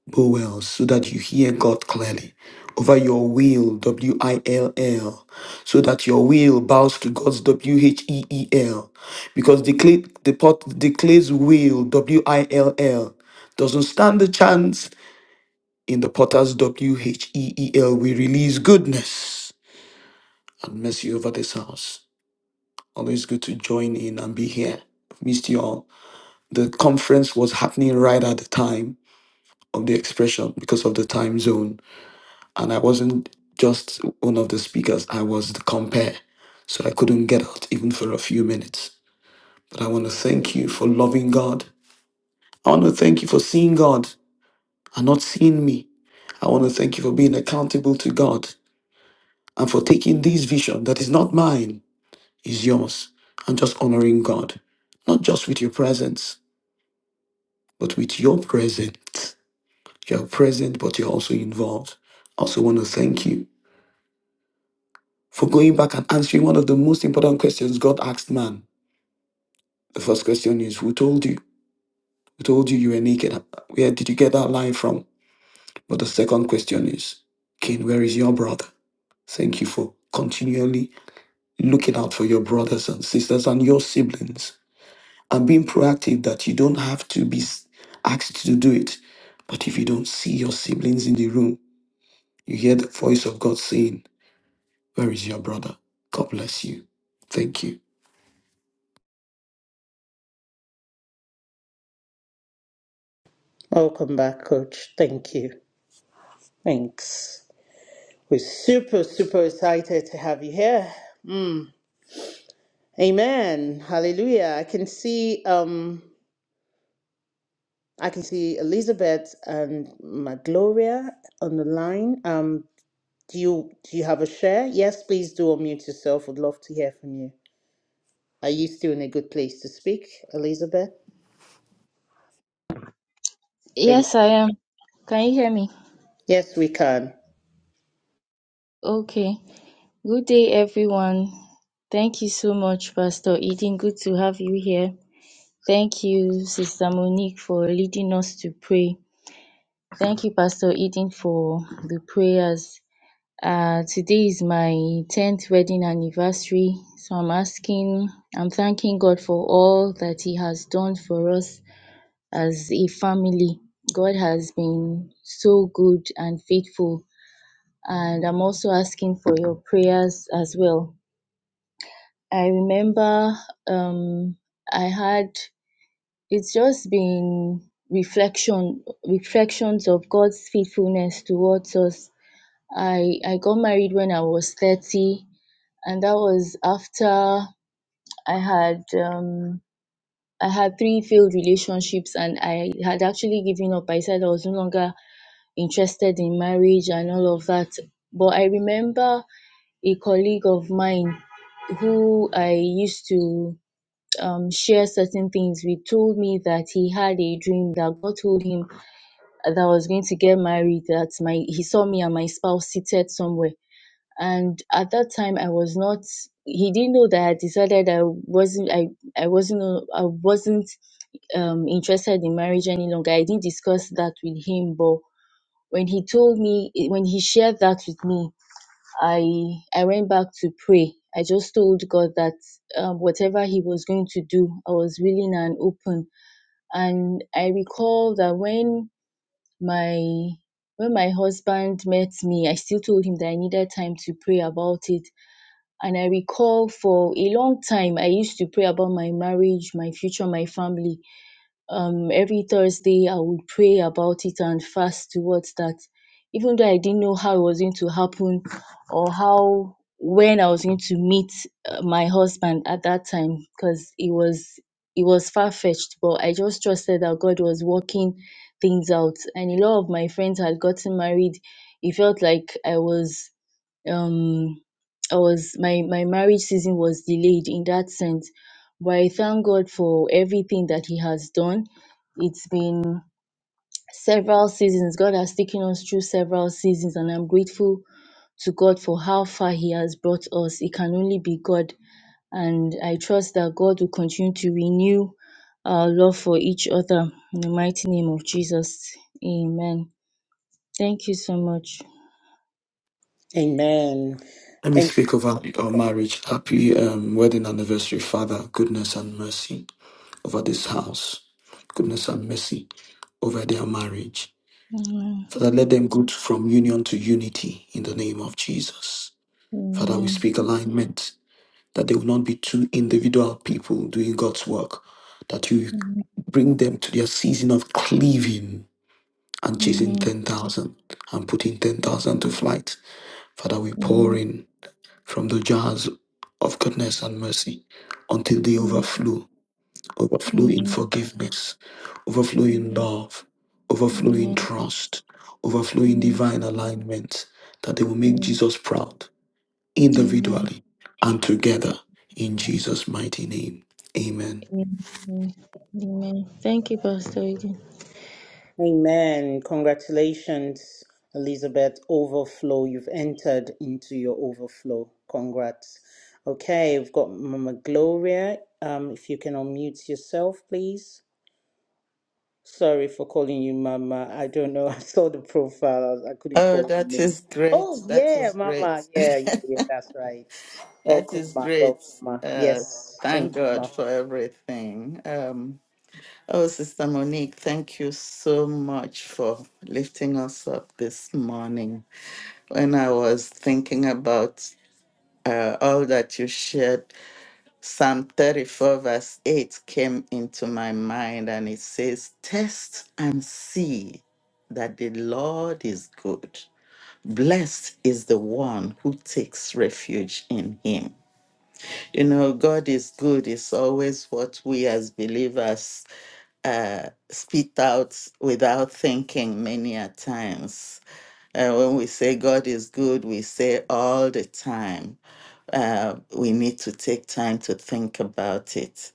S3: bowels so that you hear God clearly, over your will, W I L L, so that your will bows to God's W H E E L, because the, clay, the pot, the clay's will, W I L L, doesn't stand a chance in the potter's W H E E L. We release goodness and mercy over this house. Always good to join in and be here. I've missed you all. The conference was happening right at the time of the expression because of the time zone. And I wasn't just one of the speakers, I was the compare. So I couldn't get out even for a few minutes. But I want to thank you for loving God. I want to thank you for seeing God and not seeing me. I want to thank you for being accountable to God and for taking this vision that is not mine, is yours, and just honoring God, not just with your presence but with your present, you're present, but you're also involved. I Also, want to thank you for going back and answering one of the most important questions God asked man. The first question is, Who told you? Who told you you were naked? Where did you get that line from? But the second question is, Cain, where is your brother? Thank you for continually looking out for your brothers and sisters and your siblings and being proactive that you don't have to be s- asked to do it. But if you don't see your siblings in the room, You hear the voice of God saying, Where is your brother? God bless you. Thank you.
S1: Welcome back, Coach. Thank you. Thanks. We're super, super excited to have you here. Mm. Amen. Hallelujah. I can see um I can see Elizabeth and my Gloria on the line. Um do you do you have a share? Yes, please do unmute yourself. Would love to hear from you. Are you still in a good place to speak, Elizabeth? Thank
S9: Yes, I am. Can you hear me?
S1: Yes, we can.
S9: Okay. Good day, everyone. Thank you so much, Pastor Eden. Good to have you here. Thank you, Sister Monique, for leading us to pray. Thank you, Pastor Eden, for the prayers. Uh, today is my 10th wedding anniversary, so I'm asking, I'm thanking God for all that He has done for us as a family. God has been so good and faithful and I'm also asking for your prayers as well. I remember um, I had it's just been reflection reflections of God's faithfulness towards us. I I got married when I was thirty, and that was after I had um, I had three failed relationships, and I had actually given up. I said I was no longer interested in marriage and all of that. But I remember a colleague of mine who I used to um, share certain things with told me that he had a dream that God told him that I was going to get married, that my he saw me and my spouse seated somewhere. And at that time I was not he didn't know that I decided I wasn't I, I wasn't uh, I wasn't um interested in marriage any longer. I didn't discuss that with him, but when he told me when he shared that with me, I I went back to pray. I just told God that um, whatever He was going to do, I was willing and open. And I recall that when my when my husband met me, I still told him that I needed time to pray about it. And I recall for a long time I used to pray about my marriage, my future, my family um every Thursday I would pray about it and fast towards that. Even though I didn't know how it was going to happen or how when I was going to meet uh, my husband at that time because it was it was far fetched, but I just trusted that God was working things out. And a lot of my friends had gotten married. It felt like I was um I was my my marriage season was delayed in that sense. But I thank God for everything that He has done. It's been several seasons. God has taken us through several seasons, and I'm grateful to God for how far He has brought us. It can only be God, and I trust that God will continue to renew our love for each other in the mighty name of Jesus. Amen. Thank you so much.
S1: Amen.
S3: Let me speak over our marriage. Happy um, wedding anniversary, Father. Goodness and mercy over this house. Goodness and mercy over their marriage.
S9: Amen.
S3: Father, let them go from union to unity in the name of Jesus. Father, we
S9: Amen.
S3: speak alignment that they will not be two individual people doing God's work, that you bring them to their season of cleaving and chasing
S9: Amen.
S3: 10,000 and putting 10,000 to flight. Father, we pour
S9: Amen.
S3: in from the jars of goodness and mercy until they overflow, overflow in
S9: Amen.
S3: forgiveness, overflow in love, overflow in trust, overflow in divine alignment, that they will make Jesus proud
S9: Amen.
S3: individually and together in Jesus' mighty name. Amen.
S9: Amen. Thank you, Pastor. Eden.
S1: Amen. Congratulations, Elizabeth. Overflow. You've entered into your overflow. Congrats. Okay, we've got Mama Gloria. Um, if you can unmute yourself, please. Sorry for calling you Mama. I don't know. I saw the profile. I couldn't
S10: Oh,
S1: call your
S10: that
S1: name.
S10: is great.
S1: Oh
S10: That
S1: yeah,
S10: is great.
S1: Mama. Yeah, yeah, yeah. That's right.
S10: That
S1: Welcome,
S10: is
S1: Ma.
S10: great.
S1: Welcome, Ma.
S10: Uh,
S1: Yes. Thank
S10: thank
S1: you,
S10: God
S1: Ma.
S10: for everything. Um, oh, Sister Monique, thank you so much for lifting us up this morning. When I was thinking about uh, all that you shared, Psalm 34, verse 8 came into my mind and it says, Test and see that the Lord is good. Blessed is the one who takes refuge in him. You know, God is good. It's always what we as believers uh, spit out without thinking many a times. Uh, when we say God is good, we say all the time. Uh, we need to take time to think about it.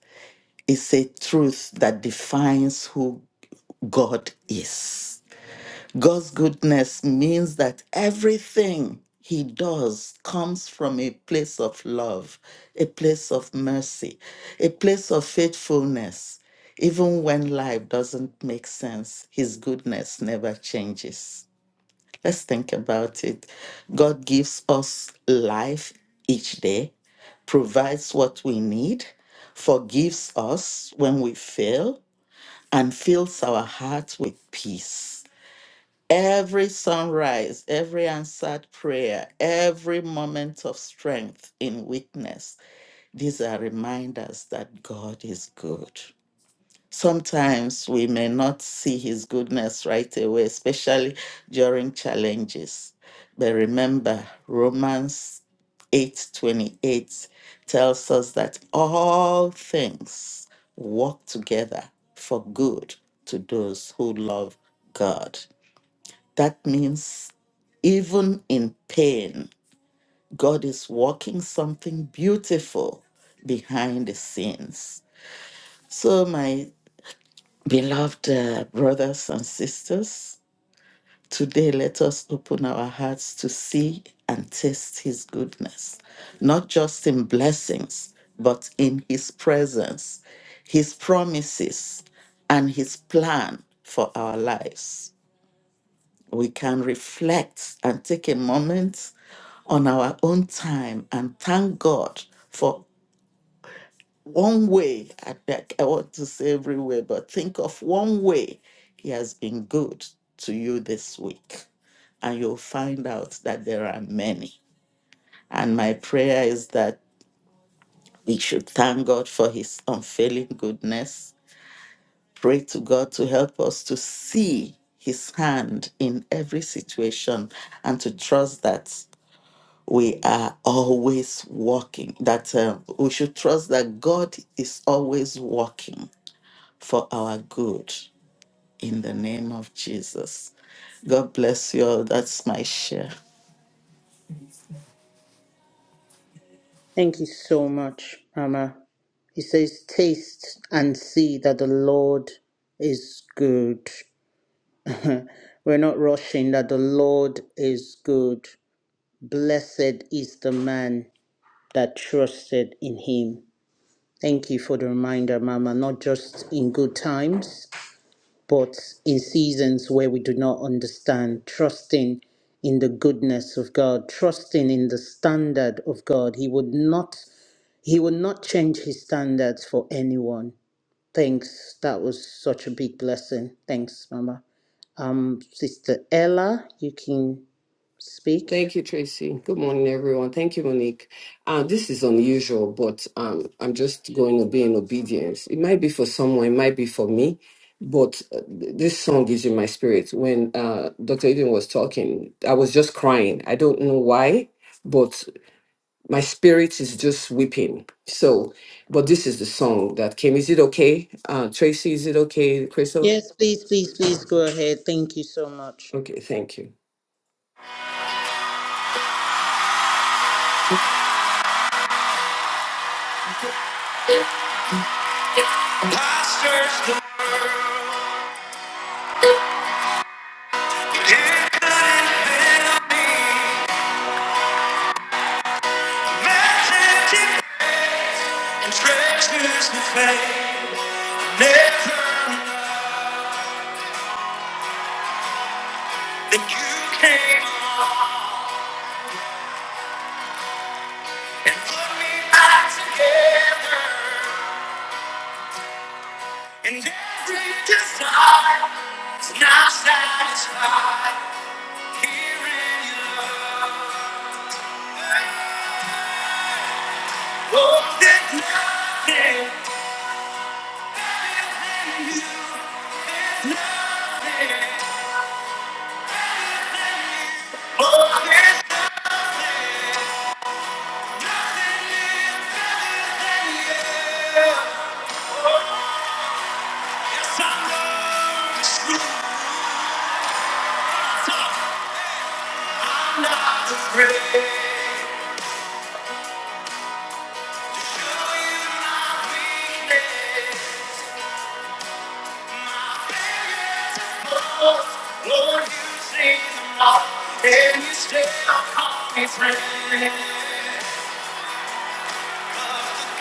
S10: It's a truth that defines who God is God's goodness means that everything he does comes from a place of love, a place of mercy, a place of faithfulness. Even when life doesn't make sense, his goodness never changes. Let's think about it. God gives us life each day, provides what we need, forgives us when we fail, and fills our hearts with peace. Every sunrise, every answered prayer, every moment of strength in weakness, these are reminders that God is good. Sometimes we may not see his goodness right away, especially during challenges. But remember, Romans 8:28 tells us that all things work together for good to those who love God. That means even in pain, God is working something beautiful behind the scenes. So, my beloved uh, brothers and sisters, today let us open our hearts to see and taste His goodness, not just in blessings, but in His presence, His promises, and His plan for our lives. We can reflect and take a moment on our own time and thank God for one way. I, I want to say every way, but think of one way He has been good to you this week. And you'll find out that there are many. And my prayer is that we should thank God for His unfailing goodness. Pray to God to help us to see His hand in every situation and to trust that. we are always working. that um, we should trust that God is always working for our good in the name of Jesus. God bless you all. That's my share.
S1: Thank you so much, Mama. He says, Taste and see that the Lord is good. We're not rushing, that the Lord is good. Blessed is the man that trusted in him. Thank you for the reminder, Mama, not just in good times, but in seasons where we do not understand, trusting in the goodness of God, trusting in the standard of God. He would not he would not change his standards for anyone. Thanks. That was such a big blessing. Thanks, Mama. Um, Sister Ella, you can speak.
S11: Thank you, Tracy. Good morning, everyone. Thank you, Monique. Uh, this is unusual, but um, I'm just going to be in obedience. It might be for someone, it might be for me, but uh, th- this song is in my spirit. When uh, Dr. Eden was talking, I was just crying. I don't know why, but my spirit is just weeping. So, but this is the song that came. Is it okay? Uh, Tracy, is it okay, Crystal?
S1: Yes, please, please, please go ahead. Thank you so much.
S11: Okay, thank you. Pastors, don't you deny me. Magic and treasures of faith. Never enough. Then you came along and put me back together. And every desire is now satisfied. Here in your love. Oh, there's nothing better than you. There's nothing better than you. Oh, there's Doesn't I I'm not afraid. Lord, you see them all, And you stay up on me, friend.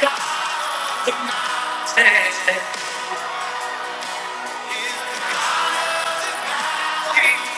S11: God, the mountains.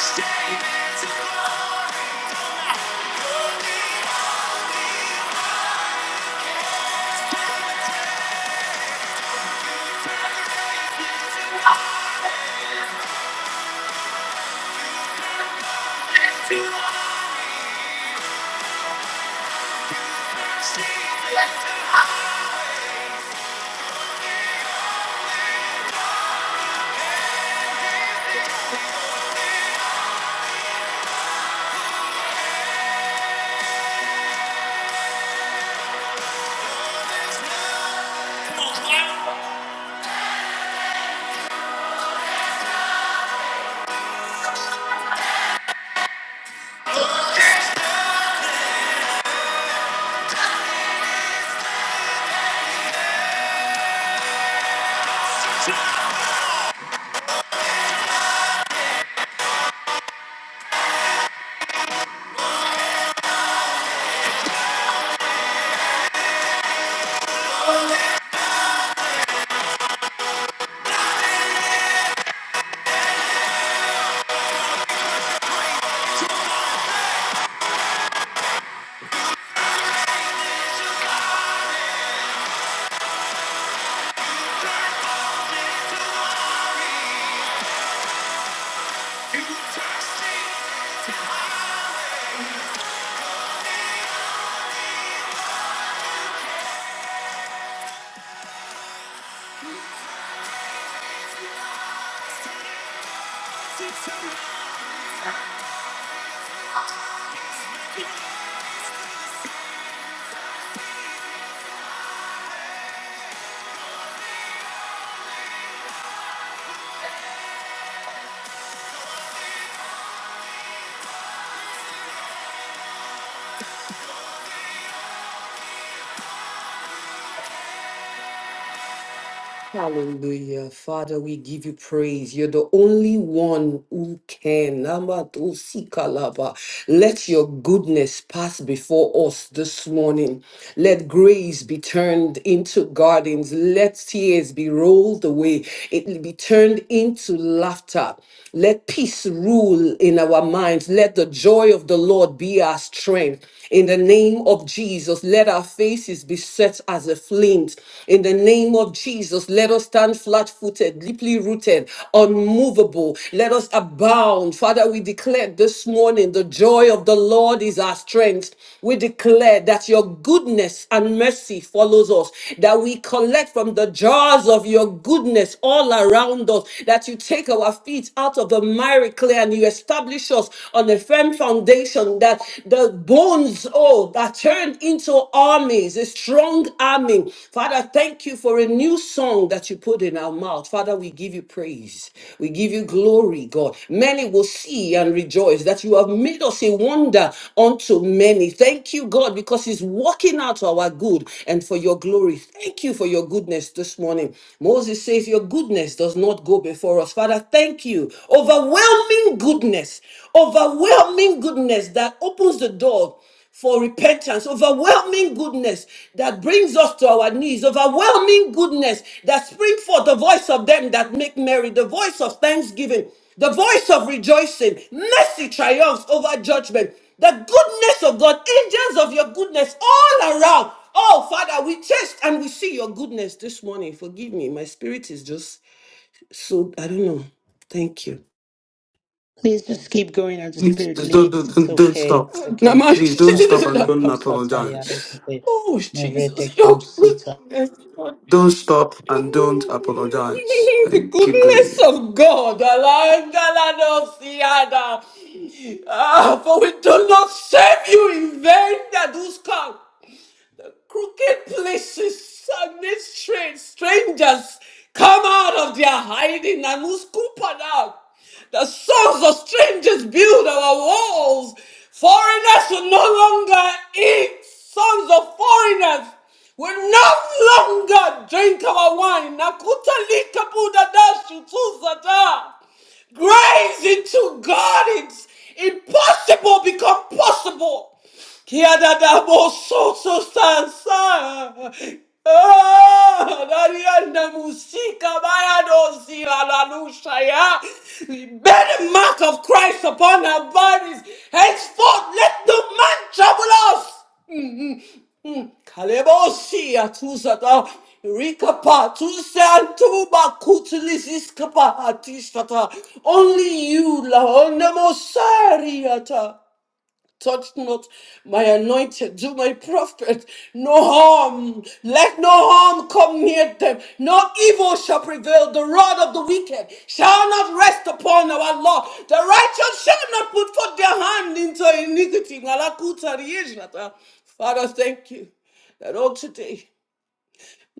S11: Stay into glory. into glory. Thank you. Hallelujah. Father, we give you praise. You're the only one who can. Namatosikalaba. Let your goodness pass before us this morning. Let grace be turned into gardens. Let tears be rolled away. It will be turned into laughter. Let peace rule in our minds. Let the joy of the Lord be our strength. In the name of Jesus, let our faces faces be set as a flint. In the name of Jesus, let us stand flat footed, deeply rooted, unmovable. Let us abound. Father, we declare this morning the joy of the Lord is our strength. We declare that your goodness and mercy follows us, that we collect from the jars of your goodness all around us, that you take our feet out of the miry clay and you establish us on a firm foundation that the bones, oh, that turned into armies, a strong army. Father, thank you for a new song that you put in our mouth. Father, we give you praise. We give you glory, God. Many will see and rejoice that you have made us a wonder unto many. Thank you, God, because it's working out to our good and for your glory. Thank you for your goodness this morning. Moses says, Your goodness does not go before us. Father, thank you. Overwhelming goodness, overwhelming goodness that opens the door for repentance, overwhelming goodness that brings us to our knees, overwhelming goodness that springs forth the voice of them that make merry, the voice of thanksgiving, the voice of rejoicing. Mercy triumphs over judgment. The goodness of God, angels of your goodness all around. Oh, Father, we taste and we see your goodness this morning. Forgive me, my spirit is just so, I don't know. Thank you.
S1: Please just keep going as the
S3: Please
S1: Spirit
S3: do
S1: leads.
S3: don't,
S1: It's
S3: don't don't
S1: okay.
S3: stop.
S1: It's
S11: Not
S1: okay.
S11: my
S3: Please don't stop and don't
S1: Satuleko
S3: apologize
S1: satayarekete,
S11: Oh, Jesus. Your
S1: mereteko sita.
S11: goodness. Lord.
S3: Don't stop and don't apologize.
S11: The
S3: Like, keep
S11: goodness
S3: going.
S11: of God. Alagadalosiada. Ah, for we do not save you in vain that does come crooked places and these strange strangers come out of their hiding and who's scoopered out. The sons of strangers build our walls. Foreigners will no longer eat. Sons of foreigners will no longer drink our wine. Nakuta lika buda dashu tuzada. Grace into God, it's impossible become possible. Kiadadabosososansa. Ah, Darianda musika baya dozila la la lusha ya. Bear the mark of Christ upon our bodies. Henceforth, let no man trouble us. Mm. Kalebosi atusata. Rikapa tuse antuba kutulis iskapa atishata. Only you la onemosariata touch not my anointed, do my prophet no harm. Let no harm come near them. No evil shall prevail. The rod of the wicked shall not rest upon our law. The righteous shall not put forth their hand into iniquity. Malakuta riyeshata. Father, thank you that all today,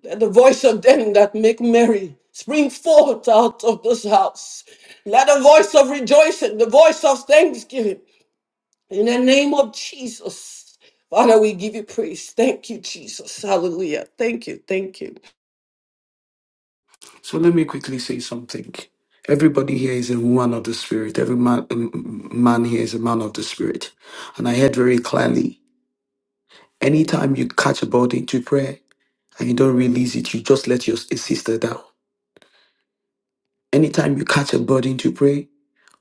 S11: let the voice of them that make merry spring forth out of this house. Let the voice of rejoicing, the voice of thanksgiving, in the name of Jesus, Father, we give you praise. Thank you, Jesus. Hallelujah. Thank you. Thank you.
S3: So let me quickly say something. Everybody here is a woman of the spirit. Every man, um, man here is a man of the spirit. And I heard very clearly, anytime you catch a body to pray and you don't release it, you just let your a sister down. Anytime you catch a burden to pray,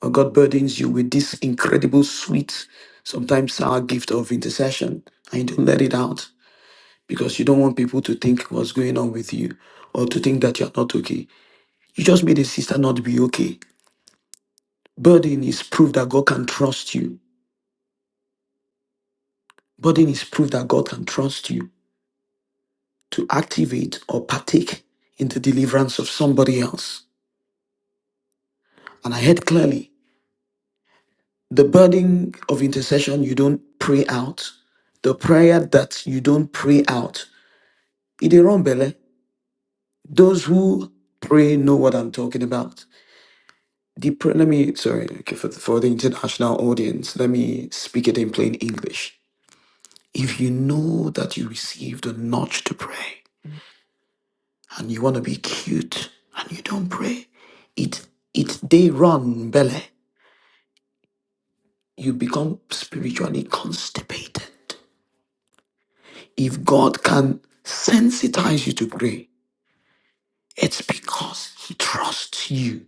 S3: or God burdens you with this incredible sweet, sometimes sour gift of intercession, and you don't let it out, because you don't want people to think what's going on with you or to think that you're not okay. You just made a sister not be okay. Burden is proof that God can trust you. Burden is proof that God can trust you to activate or partake in the deliverance of somebody else. And I heard clearly the burden of intercession you don't pray out, the prayer that you don't pray out. Idirombele, those who pray know what I'm talking about. Depra- let me sorry okay, for, the, for the international audience let me speak it in plain english if you know that you received a nudge to pray and you want to be cute and you don't pray it it they run belly you become spiritually constipated if god can sensitize you to pray it's because he trusts you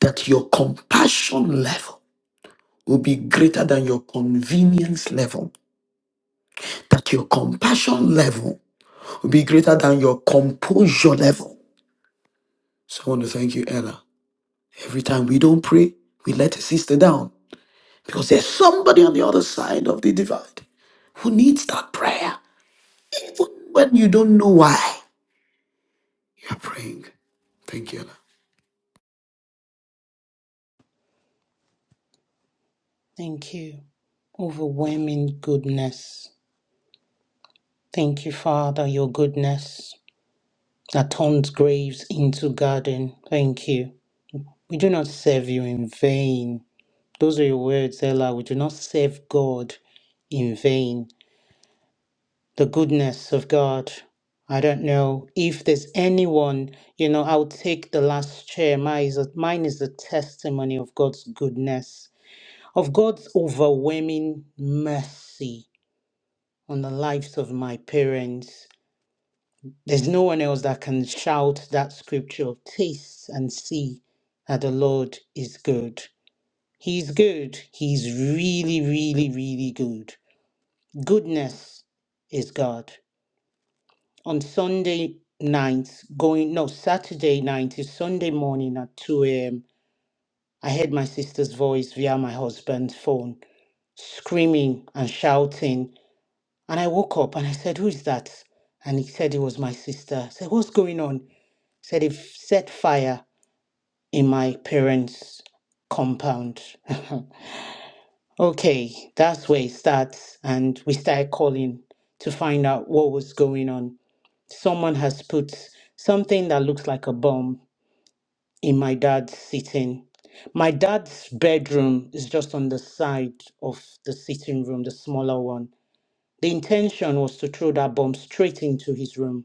S3: that your compassion level will be greater than your convenience level that your compassion level will be greater than your composure level. So I want to thank you, Ella. Every time we don't pray, we let a sister down because there's somebody on the other side of the divide who needs that prayer, even when you don't know why you're praying. Thank you, Ella.
S1: Thank you. Overwhelming goodness. Thank you, Father, your goodness that turns graves into garden. Thank you. We do not serve you in vain. Those are your words, Ella. We do not serve God in vain. The goodness of God. I don't know if there's anyone, you know, I'll take the last chair. Mine is, a, mine is a testimony of God's goodness, of God's overwhelming mercy on the lives of my parents. There's no one else that can shout that scripture taste and see that the Lord is good. He's good. He's really, really, really good. Goodness is God. On Sunday night, going, no, Saturday night to Sunday morning at 2 a.m., I heard my sister's voice via my husband's phone screaming and shouting. And I woke up and I said, Who is that? And he said it was my sister. I said, What's going on? He said, They've set fire in my parents' compound. okay, that's where it starts. And we started calling to find out what was going on. Someone has put something that looks like a bomb in my dad's sitting. My dad's bedroom is just on the side of the sitting room, the smaller one. The intention was to throw that bomb straight into his room.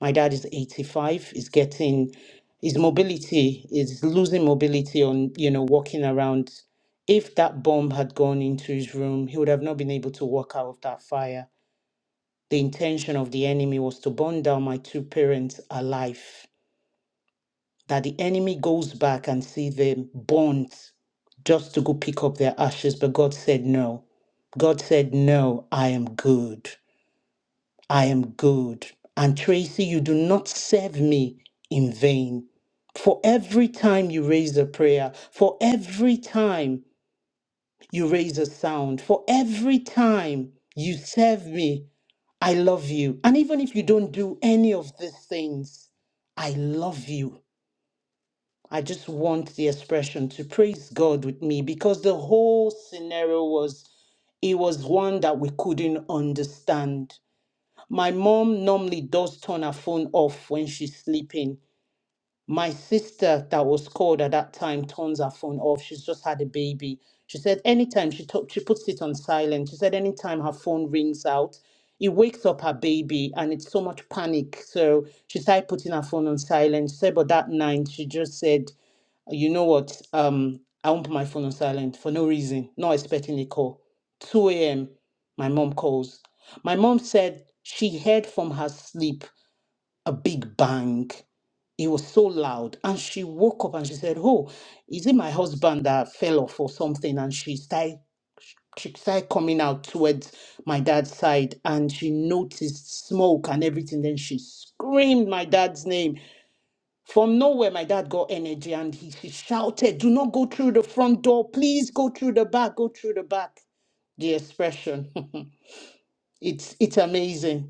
S1: My dad is 85, is getting his mobility is losing mobility on, you know, walking around. If that bomb had gone into his room, he would have not been able to walk out of that fire. The intention of the enemy was to burn down my two parents alive. that the enemy goes back and see them burnt just to go pick up their ashes. But God said, No. God said, No, I am good. I am good. And Tracy, you do not serve me in vain. For every time you raise a prayer, for every time you raise a sound, for every time you serve me, I love you. And even if you don't do any of these things, I love you. I just want the expression to praise God with me because the whole scenario was it was one that we couldn't understand. My mom normally does turn her phone off when she's sleeping my sister, that was called at that time, turns her phone off. She's just had a baby. She said anytime she talk, she puts it on silent. She said anytime her phone rings out, it wakes up her baby, and it's so much panic. So she started putting her phone on silent. She said, but that night she just said, you know what? Um, I won't put my phone on silent for no reason, not expecting a call. 2 a.m., my mom calls. My mom said she heard from her sleep a big bang. It was so loud. And she woke up and she said, Oh, is it my husband that fell off or something? And she started she started coming out towards my dad's side and she noticed smoke and everything. Then she screamed my dad's name. From nowhere, my dad got energy and he she shouted, Do not go through the front door. Please go through the back. Go through the back. The expression. it's it's amazing.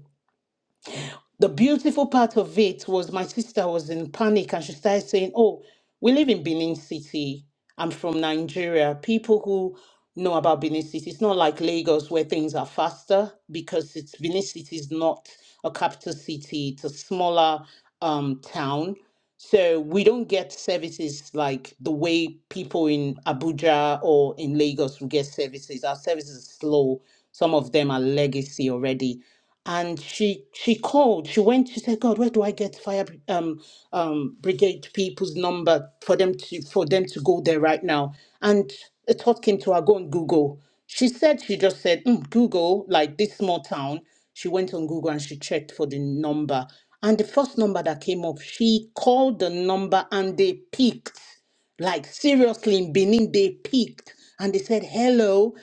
S1: the beautiful part of it was my sister was in panic and she started saying, Oh, we live in Benin City. I'm from Nigeria. People who know about Benin City, it's not like Lagos where things are faster because it's Benin City is not a capital city, it's a smaller um, town. So we don't get services like the way people in Abuja or in Lagos will get services. Our services are slow. Some of them are legacy already and she she called she went she said god where do i get fire bri- um um brigade people's number for them to for them to go there right now and a thought came to her go on google she said she just said "Mm, google like this small town she went on google and she checked for the number and the first number that came up she called the number and they picked like seriously, in Benin, they peaked and they said hello,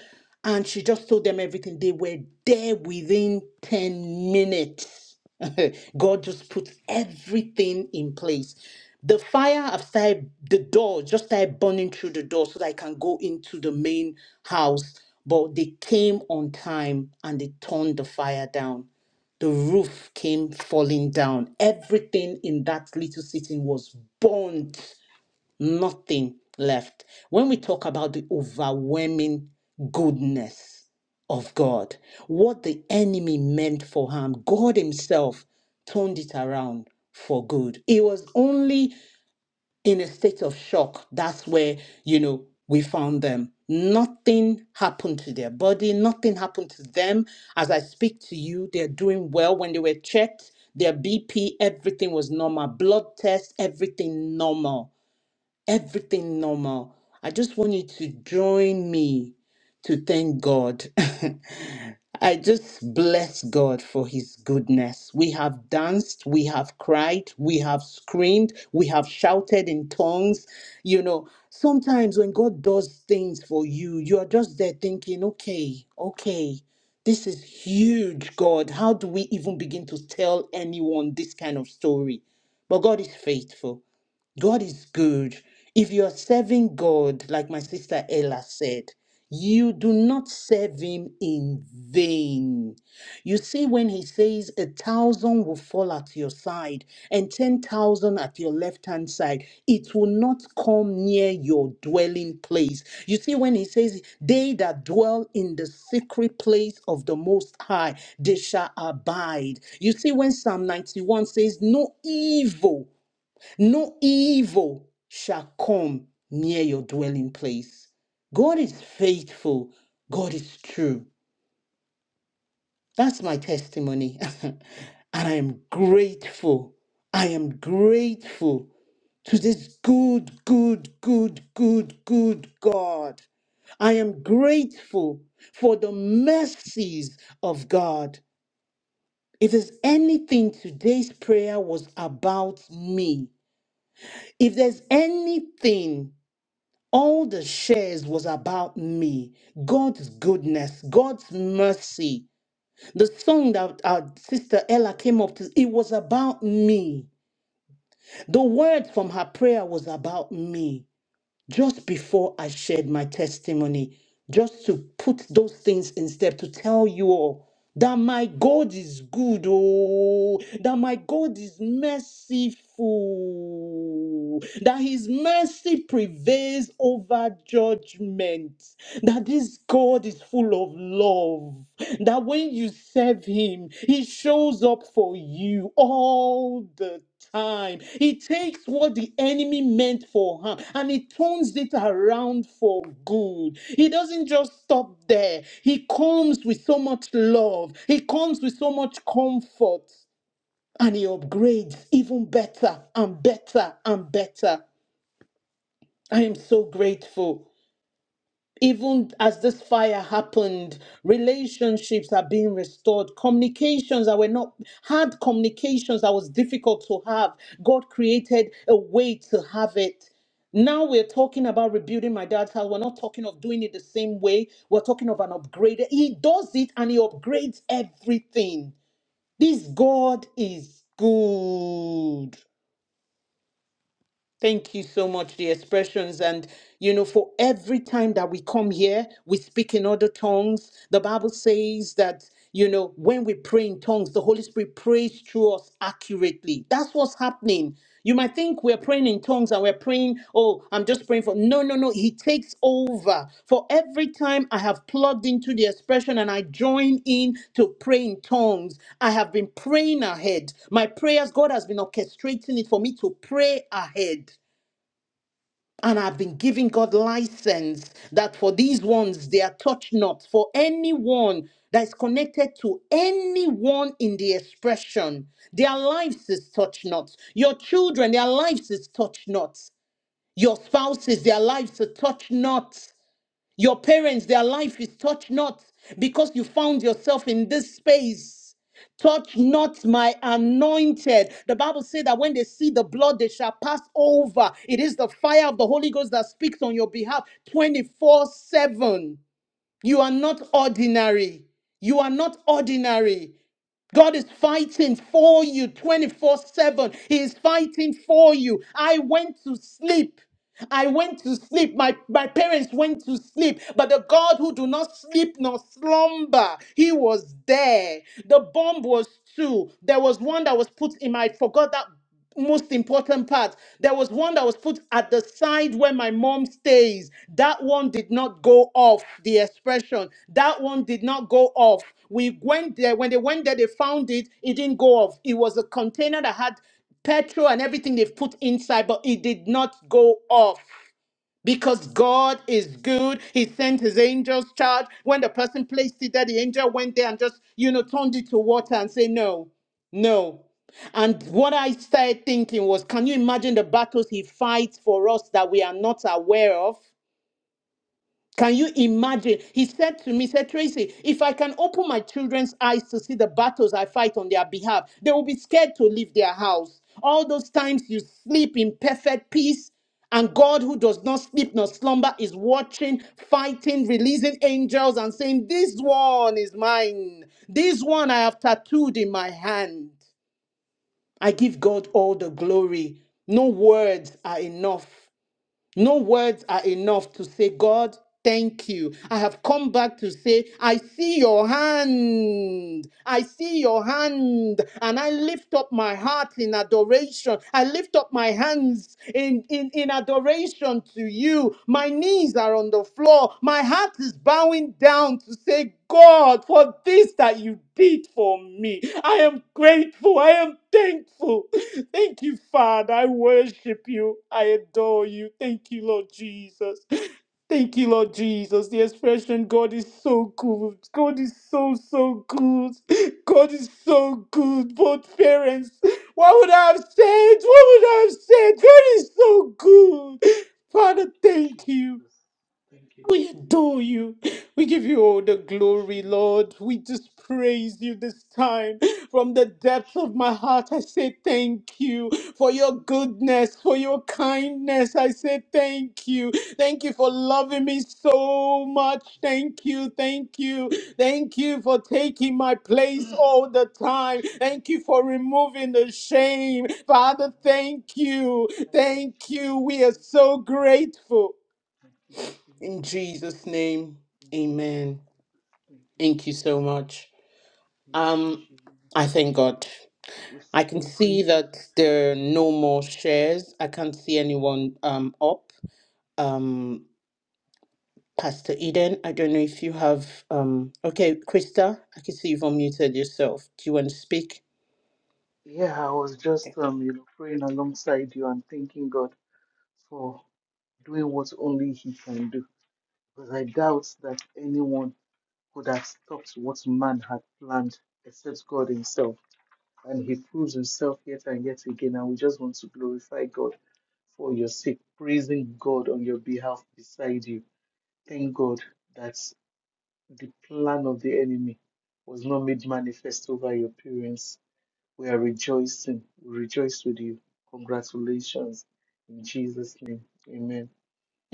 S1: and she just told them everything. They were there within 10 minutes. God just put everything in place. The fire have started, the door just started burning through the door so that I can go into the main house. But they came on time and they turned the fire down the roof came falling down. Everything in that little sitting was burnt nothing left. When we talk about the overwhelming goodness of God, what the enemy meant for harm, God Himself turned it around for good. It was only in a state of shock. That's where, you know, we found them. Nothing happened to their body, nothing happened to them. As I speak to you, they're doing well. When they were checked, their BP, everything was normal. Blood test, everything normal everything normal. I just want you to join me to thank God. I just bless God for his goodness. We have danced, we have cried, we have screamed, we have shouted in tongues. You know, sometimes when God does things for you, you are just there thinking, okay, okay, this is huge, God. How do we even begin to tell anyone this kind of story? But God is faithful. God is good. If you are serving God, like my sister Ella said, you do not serve him in vain. You see, when he says a thousand will fall at your side and ten thousand at your left hand side, it will not come near your dwelling place. You see, when he says, They that dwell in the secret place of the Most High, they shall abide. You see, when Psalm 91 says, No evil no evil shall come near your dwelling place. God is faithful. God is true. That's my testimony. and I am grateful. I am grateful to this good, good, good, good, good God. I am grateful for the mercies of God. If there's anything today's prayer was about me, if there's anything All the shares was about me, God's goodness, God's mercy. The song that our sister Ella came up to, it was about me. The words from her prayer was about me just before I shared my testimony, just to put those things in step, to tell you all that my God is good, oh, that my God is merciful, that his mercy prevails over judgment, that this God is full of love that when you serve him he shows up for you all the time he takes what the enemy meant for harm and he turns it around for good he doesn't just stop there he comes with so much love he comes with so much comfort and he upgrades even better and better and better i am so grateful even as this fire happened, relationships are being restored. Communications that were not had communications that was difficult to have. God created a way to have it. Now we're talking about rebuilding my dad's house. We're not talking of doing it the same way. We're talking of an upgrade. He does it and he upgrades everything. This God is good. Thank you so much, the expressions. And, you know, for every time that we come here, we speak in other tongues. The Bible says that, you know, when we pray in tongues, the Holy Spirit prays through us accurately. That's what's happening. You might think we're praying in tongues and we're praying. Oh, I'm just praying for. No, no, no. He takes over. For every time I have plugged into the expression and I join in to pray in tongues, I have been praying ahead. My prayers, God has been orchestrating it for me to pray ahead. And I've been giving God license that for these ones, they are touched not. For anyone that is connected to anyone in the expression, their lives is touched not. Your children, their lives is touched not. Your spouses, their lives are touch not. Your parents, their life is touch not because you found yourself in this space. Touch not my anointed. The Bible said that when they see the blood, they shall pass over. It is the fire of the Holy Ghost that speaks on your behalf 24 7. You are not ordinary. You are not ordinary. God is fighting for you 24 7. He is fighting for you. I went to sleep. I went to sleep. My, my parents went to sleep. But the God who do not sleep nor slumber, he was there. The bomb was two. There was one that was put in my, I forgot that most important part. There was one that was put at the side where my mom stays. That one did not go off the expression. That one did not go off. We went there. When they went there, they found it. It didn't go off. It was a container that had petrol and everything they've put inside, but it did not go off. Because God is good. He sent his angels charge. When the person placed it there, the angel went there and just, you know, turned it to water and say, no, no. And what I started thinking was, can you imagine the battles he fights for us that we are not aware of? Can you imagine? He said to me, he said, Tracy, if I can open my children's eyes to see the battles I fight on their behalf, they will be scared to leave their house. All those times you sleep in perfect peace, and God, who does not sleep nor slumber, is watching, fighting, releasing angels, and saying, This one is mine. This one I have tattooed in my hand. I give God all the glory. No words are enough. No words are enough to say, God, thank you. I have come back to say, I see your hand. I see your hand. And I lift up my heart in adoration. I lift up my hands in, in, in adoration to you you. My knees are on the floor. My heart is bowing down to say, God, for this that you did for me. I am grateful. I am thankful. Thank you, Father. I worship you. I adore you. Thank you, Lord Jesus. Thank you, Lord Jesus. The expression God is so good. God is so, so good. God is so good. Both parents. What would I have said? What would I have said? God is so good. Father, thank you.
S8: Jesus. Thank you,
S1: We
S8: Jesus.
S1: adore you. We give you all the
S8: Thank you,
S1: glory,
S8: Jesus.
S1: Lord. We just praise you this time. From the depths of my heart, I say thank you for your goodness, for your kindness. I say thank you. Thank you for loving me so much. Thank you. Thank you. Thank you for taking my place all the time. Thank you for removing the shame. Father, thank you. Thank you. We are so grateful. In Jesus' name, amen. Thank you so much. Um, I thank God. I can see that there are no more shares. I can't see anyone um up. Um, Pastor Eden, I don't know if you have um. Okay, Krista, I can see you've unmuted yourself. Do you want to speak?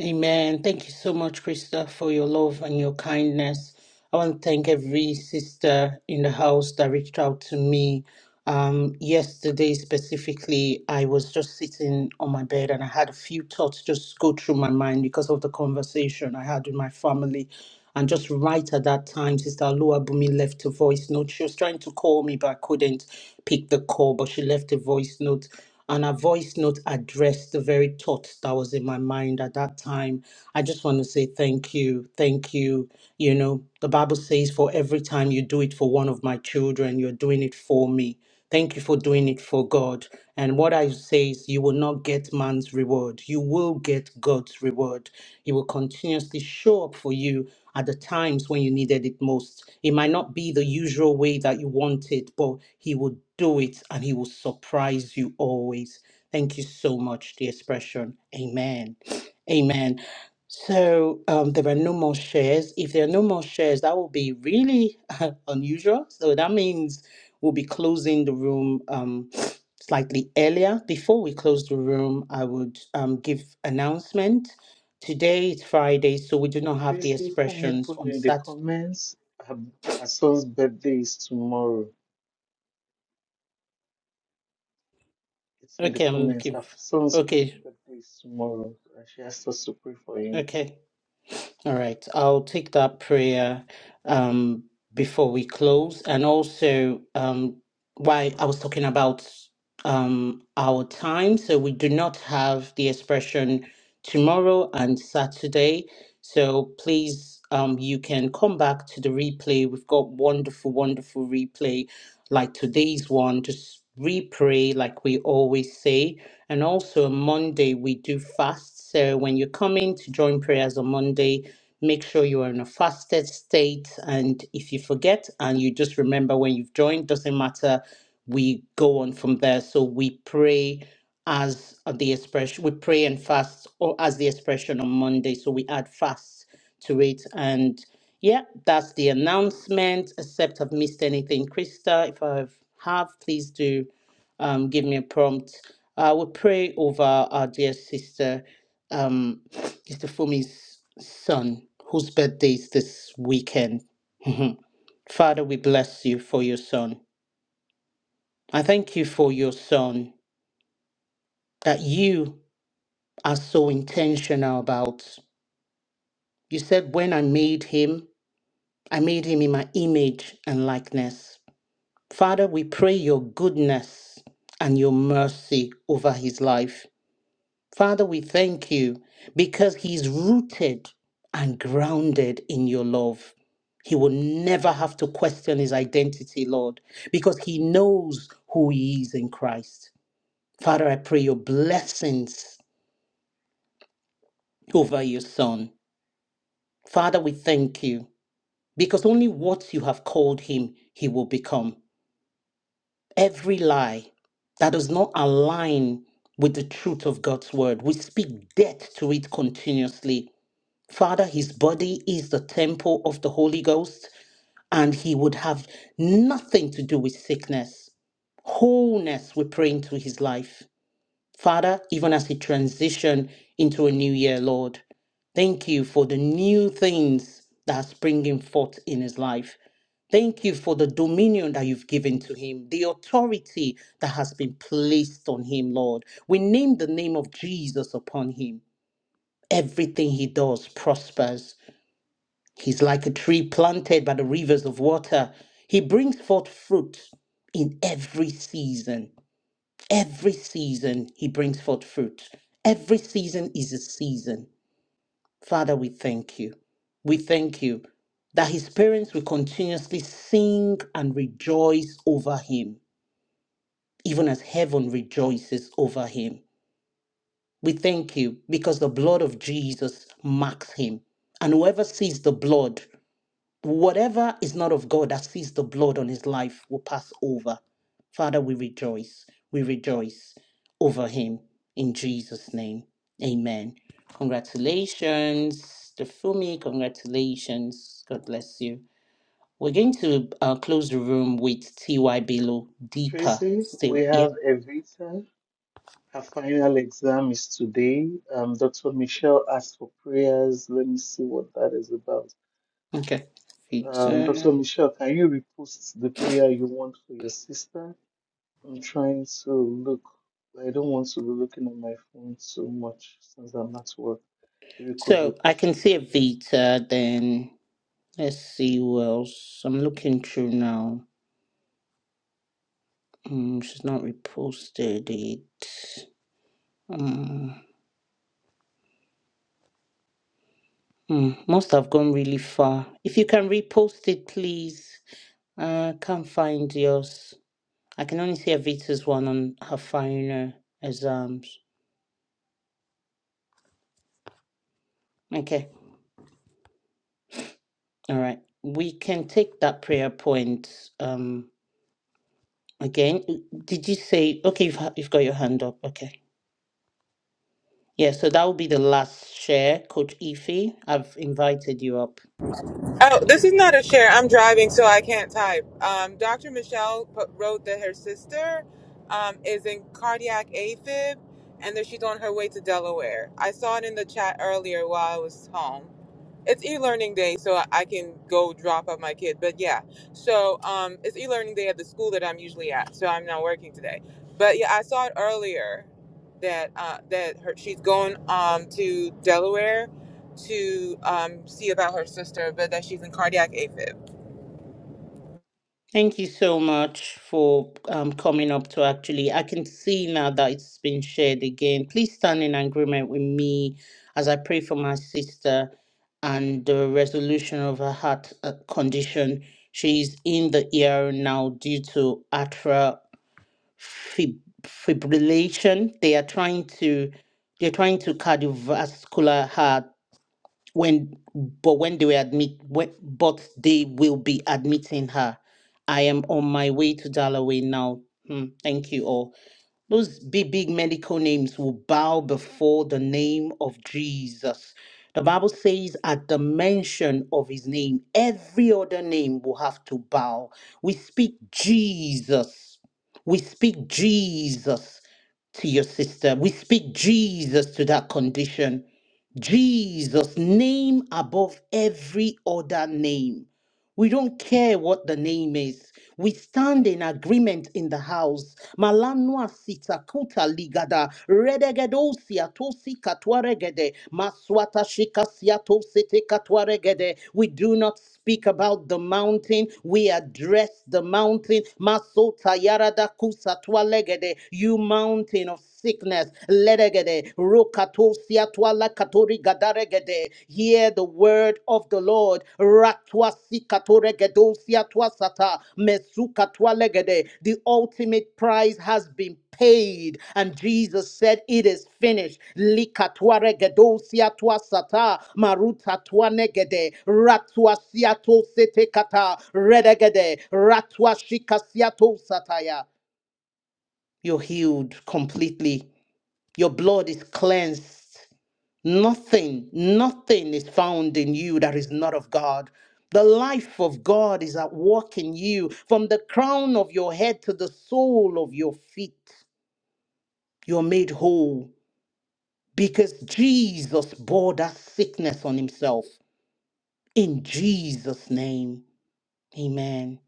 S1: Amen. Thank you so much, Krista, for your love and your kindness. I want to thank every sister in the house that reached out to me. Um, yesterday, specifically, I was just sitting on my bed and I had a few thoughts just go through my mind because of the conversation I had with my family. And just right at that time, Sister Alua Bumi left a voice note. She was trying to call me, but I couldn't pick the call, but she left a voice note and her voice note addressed the very thought that was in my mind at that time. I just want to say thank you, thank you. You know, the Bible says, for every time you do it for one of my children, you're doing it for me. Thank you for doing it for God. And what I say is, you will not get man's reward. You will get God's reward. He will continuously show up for you at the times when you needed it most. It might not be the usual way that you want it, but He will do it and He will surprise you always. Thank you so much, the expression. Amen. Amen. So um, there are no more shares. If there are no more shares, that will be really unusual. So that means we'll be closing the room. Um, slightly earlier. Before we close the room, I would um, give announcement. Today is Friday, so we do not have the expressions on Saturday. Okay, I'm looking. Okay, okay. All right, I'll take that prayer um, before we close. And also, um, why I was talking about um, our time. So, we do not have the expression tomorrow and Saturday. So, please, um, you can come back to the replay. We've got wonderful, wonderful replay like today's one. Just re-pray, like we always say. And also, on Monday, we do fast. So, when you're coming to join prayers on Monday, Make sure you are in a fasted state. And if you forget and you just remember when you've joined, doesn't matter. We go on from there. So we pray as the expression, we pray and fast or as the expression on Monday. So we add fast to it. And yeah, that's the announcement. Except I've missed anything, Krista. If I have, please do um, give me a prompt. Uh, we pray over our dear sister um, it's Fumi's son, whose birthday is this weekend. Mhm. Father, we bless you for your son. I thank you for your son that you are so intentional about. You said, When I made him, I made him in my image and likeness. Father, we pray your goodness and your mercy over his life. Father, we thank you because he's rooted and grounded in your love. He will never have to question his identity, Lord, because he knows who he is in Christ. Father, I pray your blessings over your son. Father, we thank you because only what you have called him, he will become. Every lie that does not align with the truth of God's word, we speak death to it continuously Father, his body is the temple of the Holy Ghost, and he would have nothing to do with sickness. Wholeness, we pray into his life. Father, even as he transition into a new year, Lord, thank you for the new things that are springing forth in his life. Thank you for the dominion that you've given to him, the authority that has been placed on him, Lord. We name the name of Jesus upon him. Everything he does prospers. He's like a tree planted by the rivers of water. He brings forth fruit in every season. Every season, he brings forth fruit. Every season is a season. Father, we thank you. We thank you that his parents will continuously sing and rejoice over him, even as heaven rejoices over him. We thank you because the blood of Jesus marks him. And whoever sees the blood Whatever is not of God that sees the blood on his life will pass over. Father, we rejoice. We rejoice over him in Jesus' name. Amen. Congratulations, Fumi. Congratulations. God bless you. We're going to uh, close the room with TY Below deeper still. Yeah. Okay. Vita. So I can see a Vita, then let's see who else. I'm looking through now. Um, she's not reposted it. Um, mm, must have gone really far. If you can repost it, please. Uh, can't find yours. I can only see Avita's one on her final exams. Okay, all right. We can take that prayer point. Um, again, did you say okay? You've ha- you've got your hand up. Okay, yeah. So that will be the last share, Coach Ify. I've invited you up.
S6: Oh, this is not a share. I'm driving, so I can't type. Um, Dr. Michelle put, wrote that her sister um, is in cardiac AFib and that she's on her way to Delaware. I saw it in the chat earlier while I was home. It's e-learning day, so I I can go drop off my kid. But yeah, so um, it's e-learning day at the school that I'm usually at, so I'm not working today. But yeah, I saw it earlier that uh, that her, she's going um, to Delaware to um, see about her sister, but that she's in cardiac AFib.
S1: Thank you so much for um, coming up to actually. I can see now that it's been shared again. Please stand in agreement with me as I pray for my sister and the resolution of her heart uh, condition. She's in the ER now due to atrial fib- fibrillation. They are trying to they're trying to cardiovascular her when but when they were admit when, but they will be admitting her i am on my way to dalloway now Hmm, thank you all those big, big medical names will bow before the name of Jesus. The Bible says, at the mention of his name, every other name will have to bow. We speak Jesus. We speak Jesus to your sister. We speak Jesus to that condition. Jesus, name above every other name. We don't care what the name is. We stand in agreement in the house. Malanwa sitakuta ligada redegedosia tosi katwaregede maswata shikasia tosete katwaregede. We do not speak about the mountain. We address the mountain. Masota yarada kusa twalegede. You mountain of sickness. Ledegede Rokatosia Katwala katori gadaregede. Hear the word of the Lord. Ratwa sikatore gedosia twasata. Mesuka twalegede. The ultimate price has been paid. And Jesus said, It is finished. Likatware gedosia twasata. Maruta twanegede. Ratwa siato setekata. Redegede. Ratwa shikasiato sataya. You're healed completely. Your blood is cleansed Nothing, nothing is found in you that is not of God. The life of God is at work in you from the crown of your head to the sole of your feet. You're made whole because Jesus bore that sickness on himself in Jesus' name. Amen.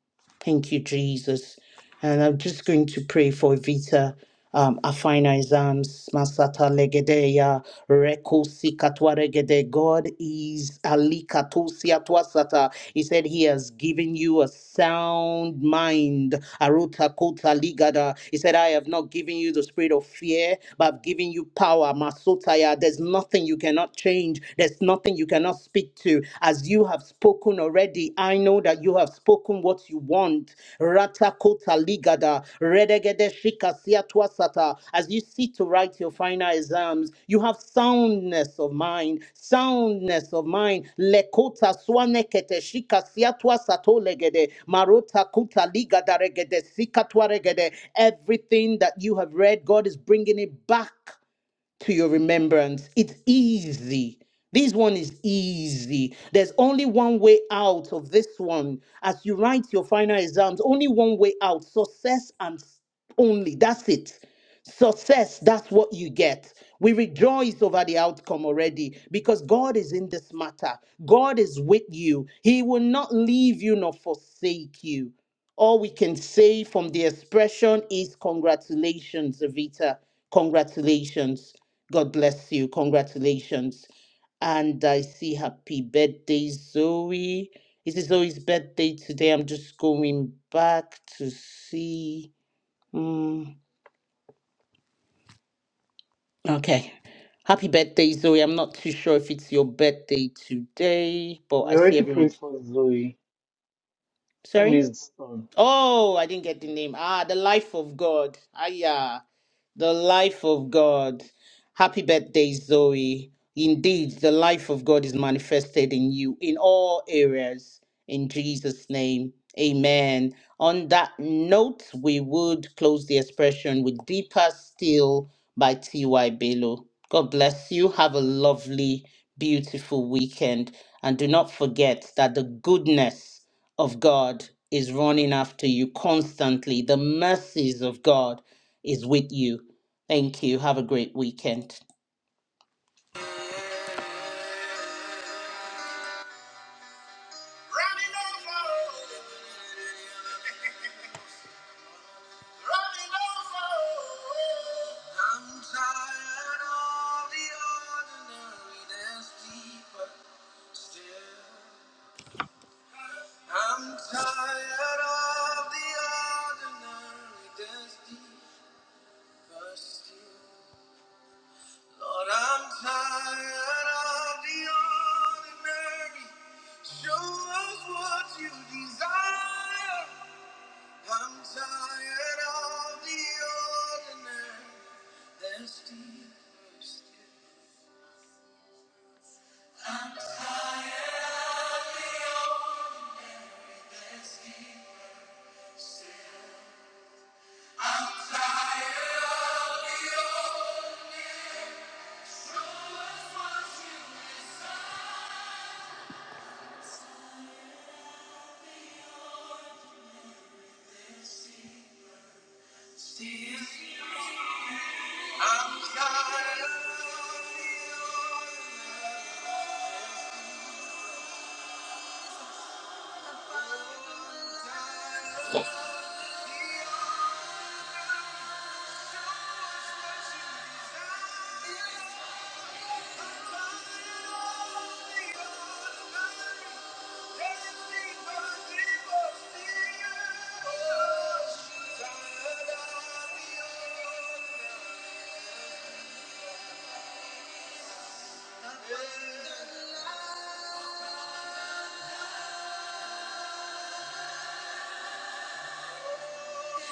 S1: Thank you, Jesus. And I'm just going to pray for Vita. Um, Afina exams, Masata Legedeya, Reko Sikatwa Regede. God is Ali Katosia Twasata. He said he has given you a sound mind. Aruta Kota Ligada. He said, I have not given you the spirit of fear, but I've given you power. Masotaya. There's nothing you cannot change. There's nothing you cannot speak to as you have spoken already, I know that you have spoken what you want. Ratakota ligada, redegede shikasia twasata. As you sit to write your final exams, you have soundness of mind, soundness of mind. Lekota swanekete shikasia twasato legede, marota kuta ligada regede sikatwa regede. Everything that you have read, God is bringing it back to your remembrance. It's easy. This one is easy. There's only one way out of this one. As you write your final exams, only one way out success and s- only. That's it. Success, that's what you get. We rejoice over the outcome already because God is in this matter. God is with you. He will not leave you nor forsake you all we can say from the expression is congratulations, Evita. Congratulations. God bless you. Congratulations. And I see happy birthday, Zoe. Is it Zoe's birthday today? I'm just going back to see. Mm, okay. Happy birthday, Zoe. I'm not too sure if it's your birthday today, but I see everyone. Sorry? Oh, I didn't get the name. Ah, the life of God. Ah, yeah. The life of God. Happy birthday, Zoe. Indeed, the life of God is manifested in you in all areas. In Jesus' name. Amen. On that note, we would close the expression with Deeper Still by T.Y. Bello. God bless you. Have a lovely, beautiful weekend. And do not forget that the goodness of God is running after you constantly. The mercies of God is with you. Thank you. Have a great weekend. Running over, running over. I'm tired of the ordinariness deeper still. I'm tired of the ordinary that's deeper still. Lord, I'm tired of the ordinary. Show us what you desire. I'm tired of the ordinary. There's deeper still. There's deeper still. I'm tired of the ordinary. Show us what you desire. There's deeper still. I'm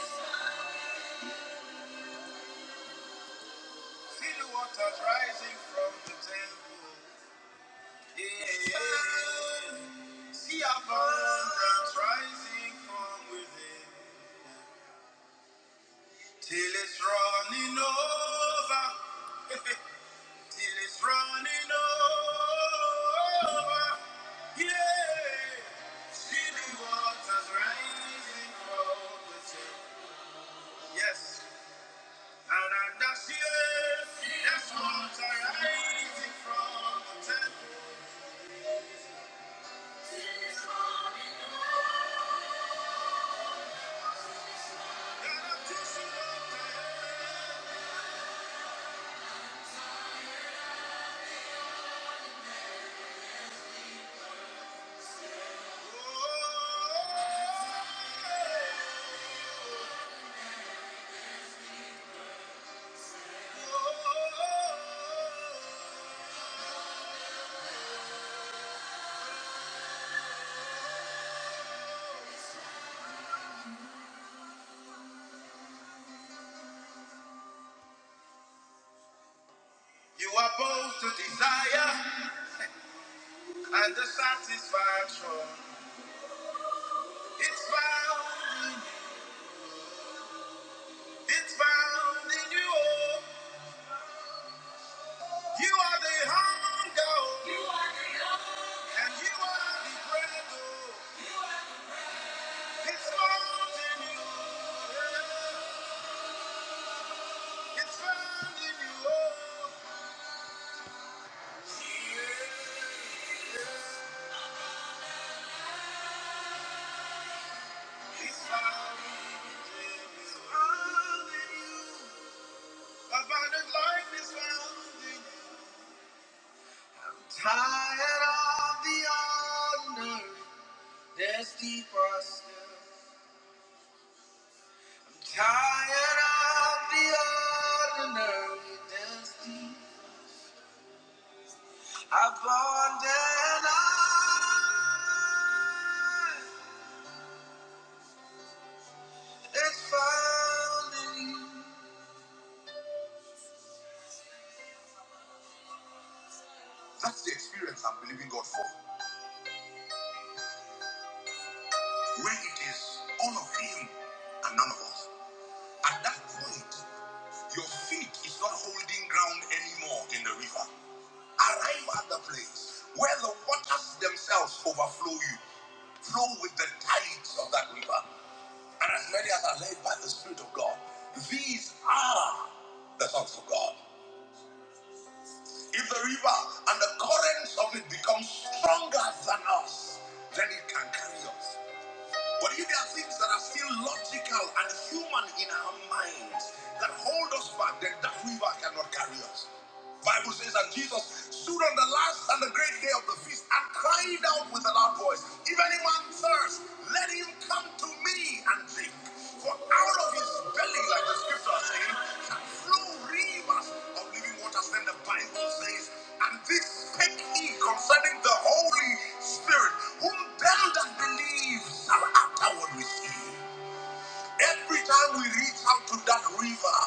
S1: tired of See the waters rising from the temple. Yeah. yeah, yeah. See abundance rising from within. Till it's running over. Till it's running over. Yeah. See the waters rising from the temple. Yes. And that's it. That's water rising from the temple. You are both the desire and the satisfaction. It's found in you. It's found in you. You are the hunger and you are the bread. It's found in you. It's found in you. Abundant life is found in you. Tired of the honor, there's deeper still. Tired of the ordinary, there's deep. Abundant life is found in you. That's the experience I'm believing God for. where it is all of him and none of us. At that point, your feet is not holding ground anymore in the river. Arrive at the place where the waters themselves overflow you. Flow with the tides of that river. And as many as are led by the Spirit of God, these are the sons of God. If the river and the currents of it become stronger than us, then it can carry us. But if there are things that are still logical and human in our minds that hold us back, then that river cannot carry us. Bible says that Jesus stood on the last and the great day of the feast and cried out with a loud voice, If any man thirst, let him come to me and drink. For out of his belly, like the scripture are saying, shall flow rivers of living waters. Then the Bible says, and this spake he concerning the Holy Spirit, whom them that believe shall afterward receive. Every time we reach out to that river,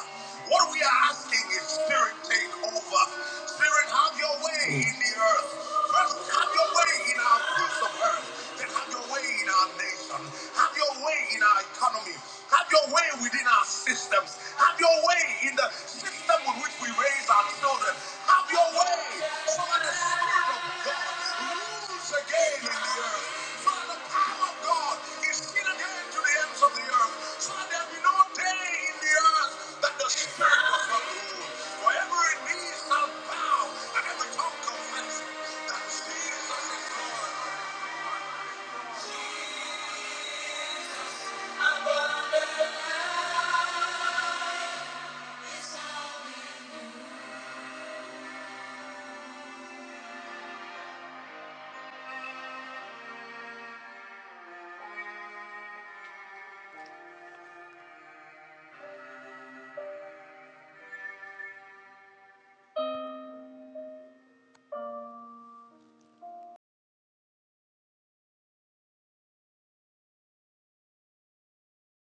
S1: what we are asking is Spirit, take over. Spirit, have your way in the earth. First, have your way in our fruits of earth. Then, have your way in our nation. Have your way in our economy. Have your way within our systems. Have your way in the system with which we raise our children. Have your way. Father, the Spirit of God rules again in the earth. Father, the power of God is seen again to the ends of the earth. Father, there be no day in the earth that the Spirit does not rule. For every knee shall bow and every tongue confess that Jesus is Lord.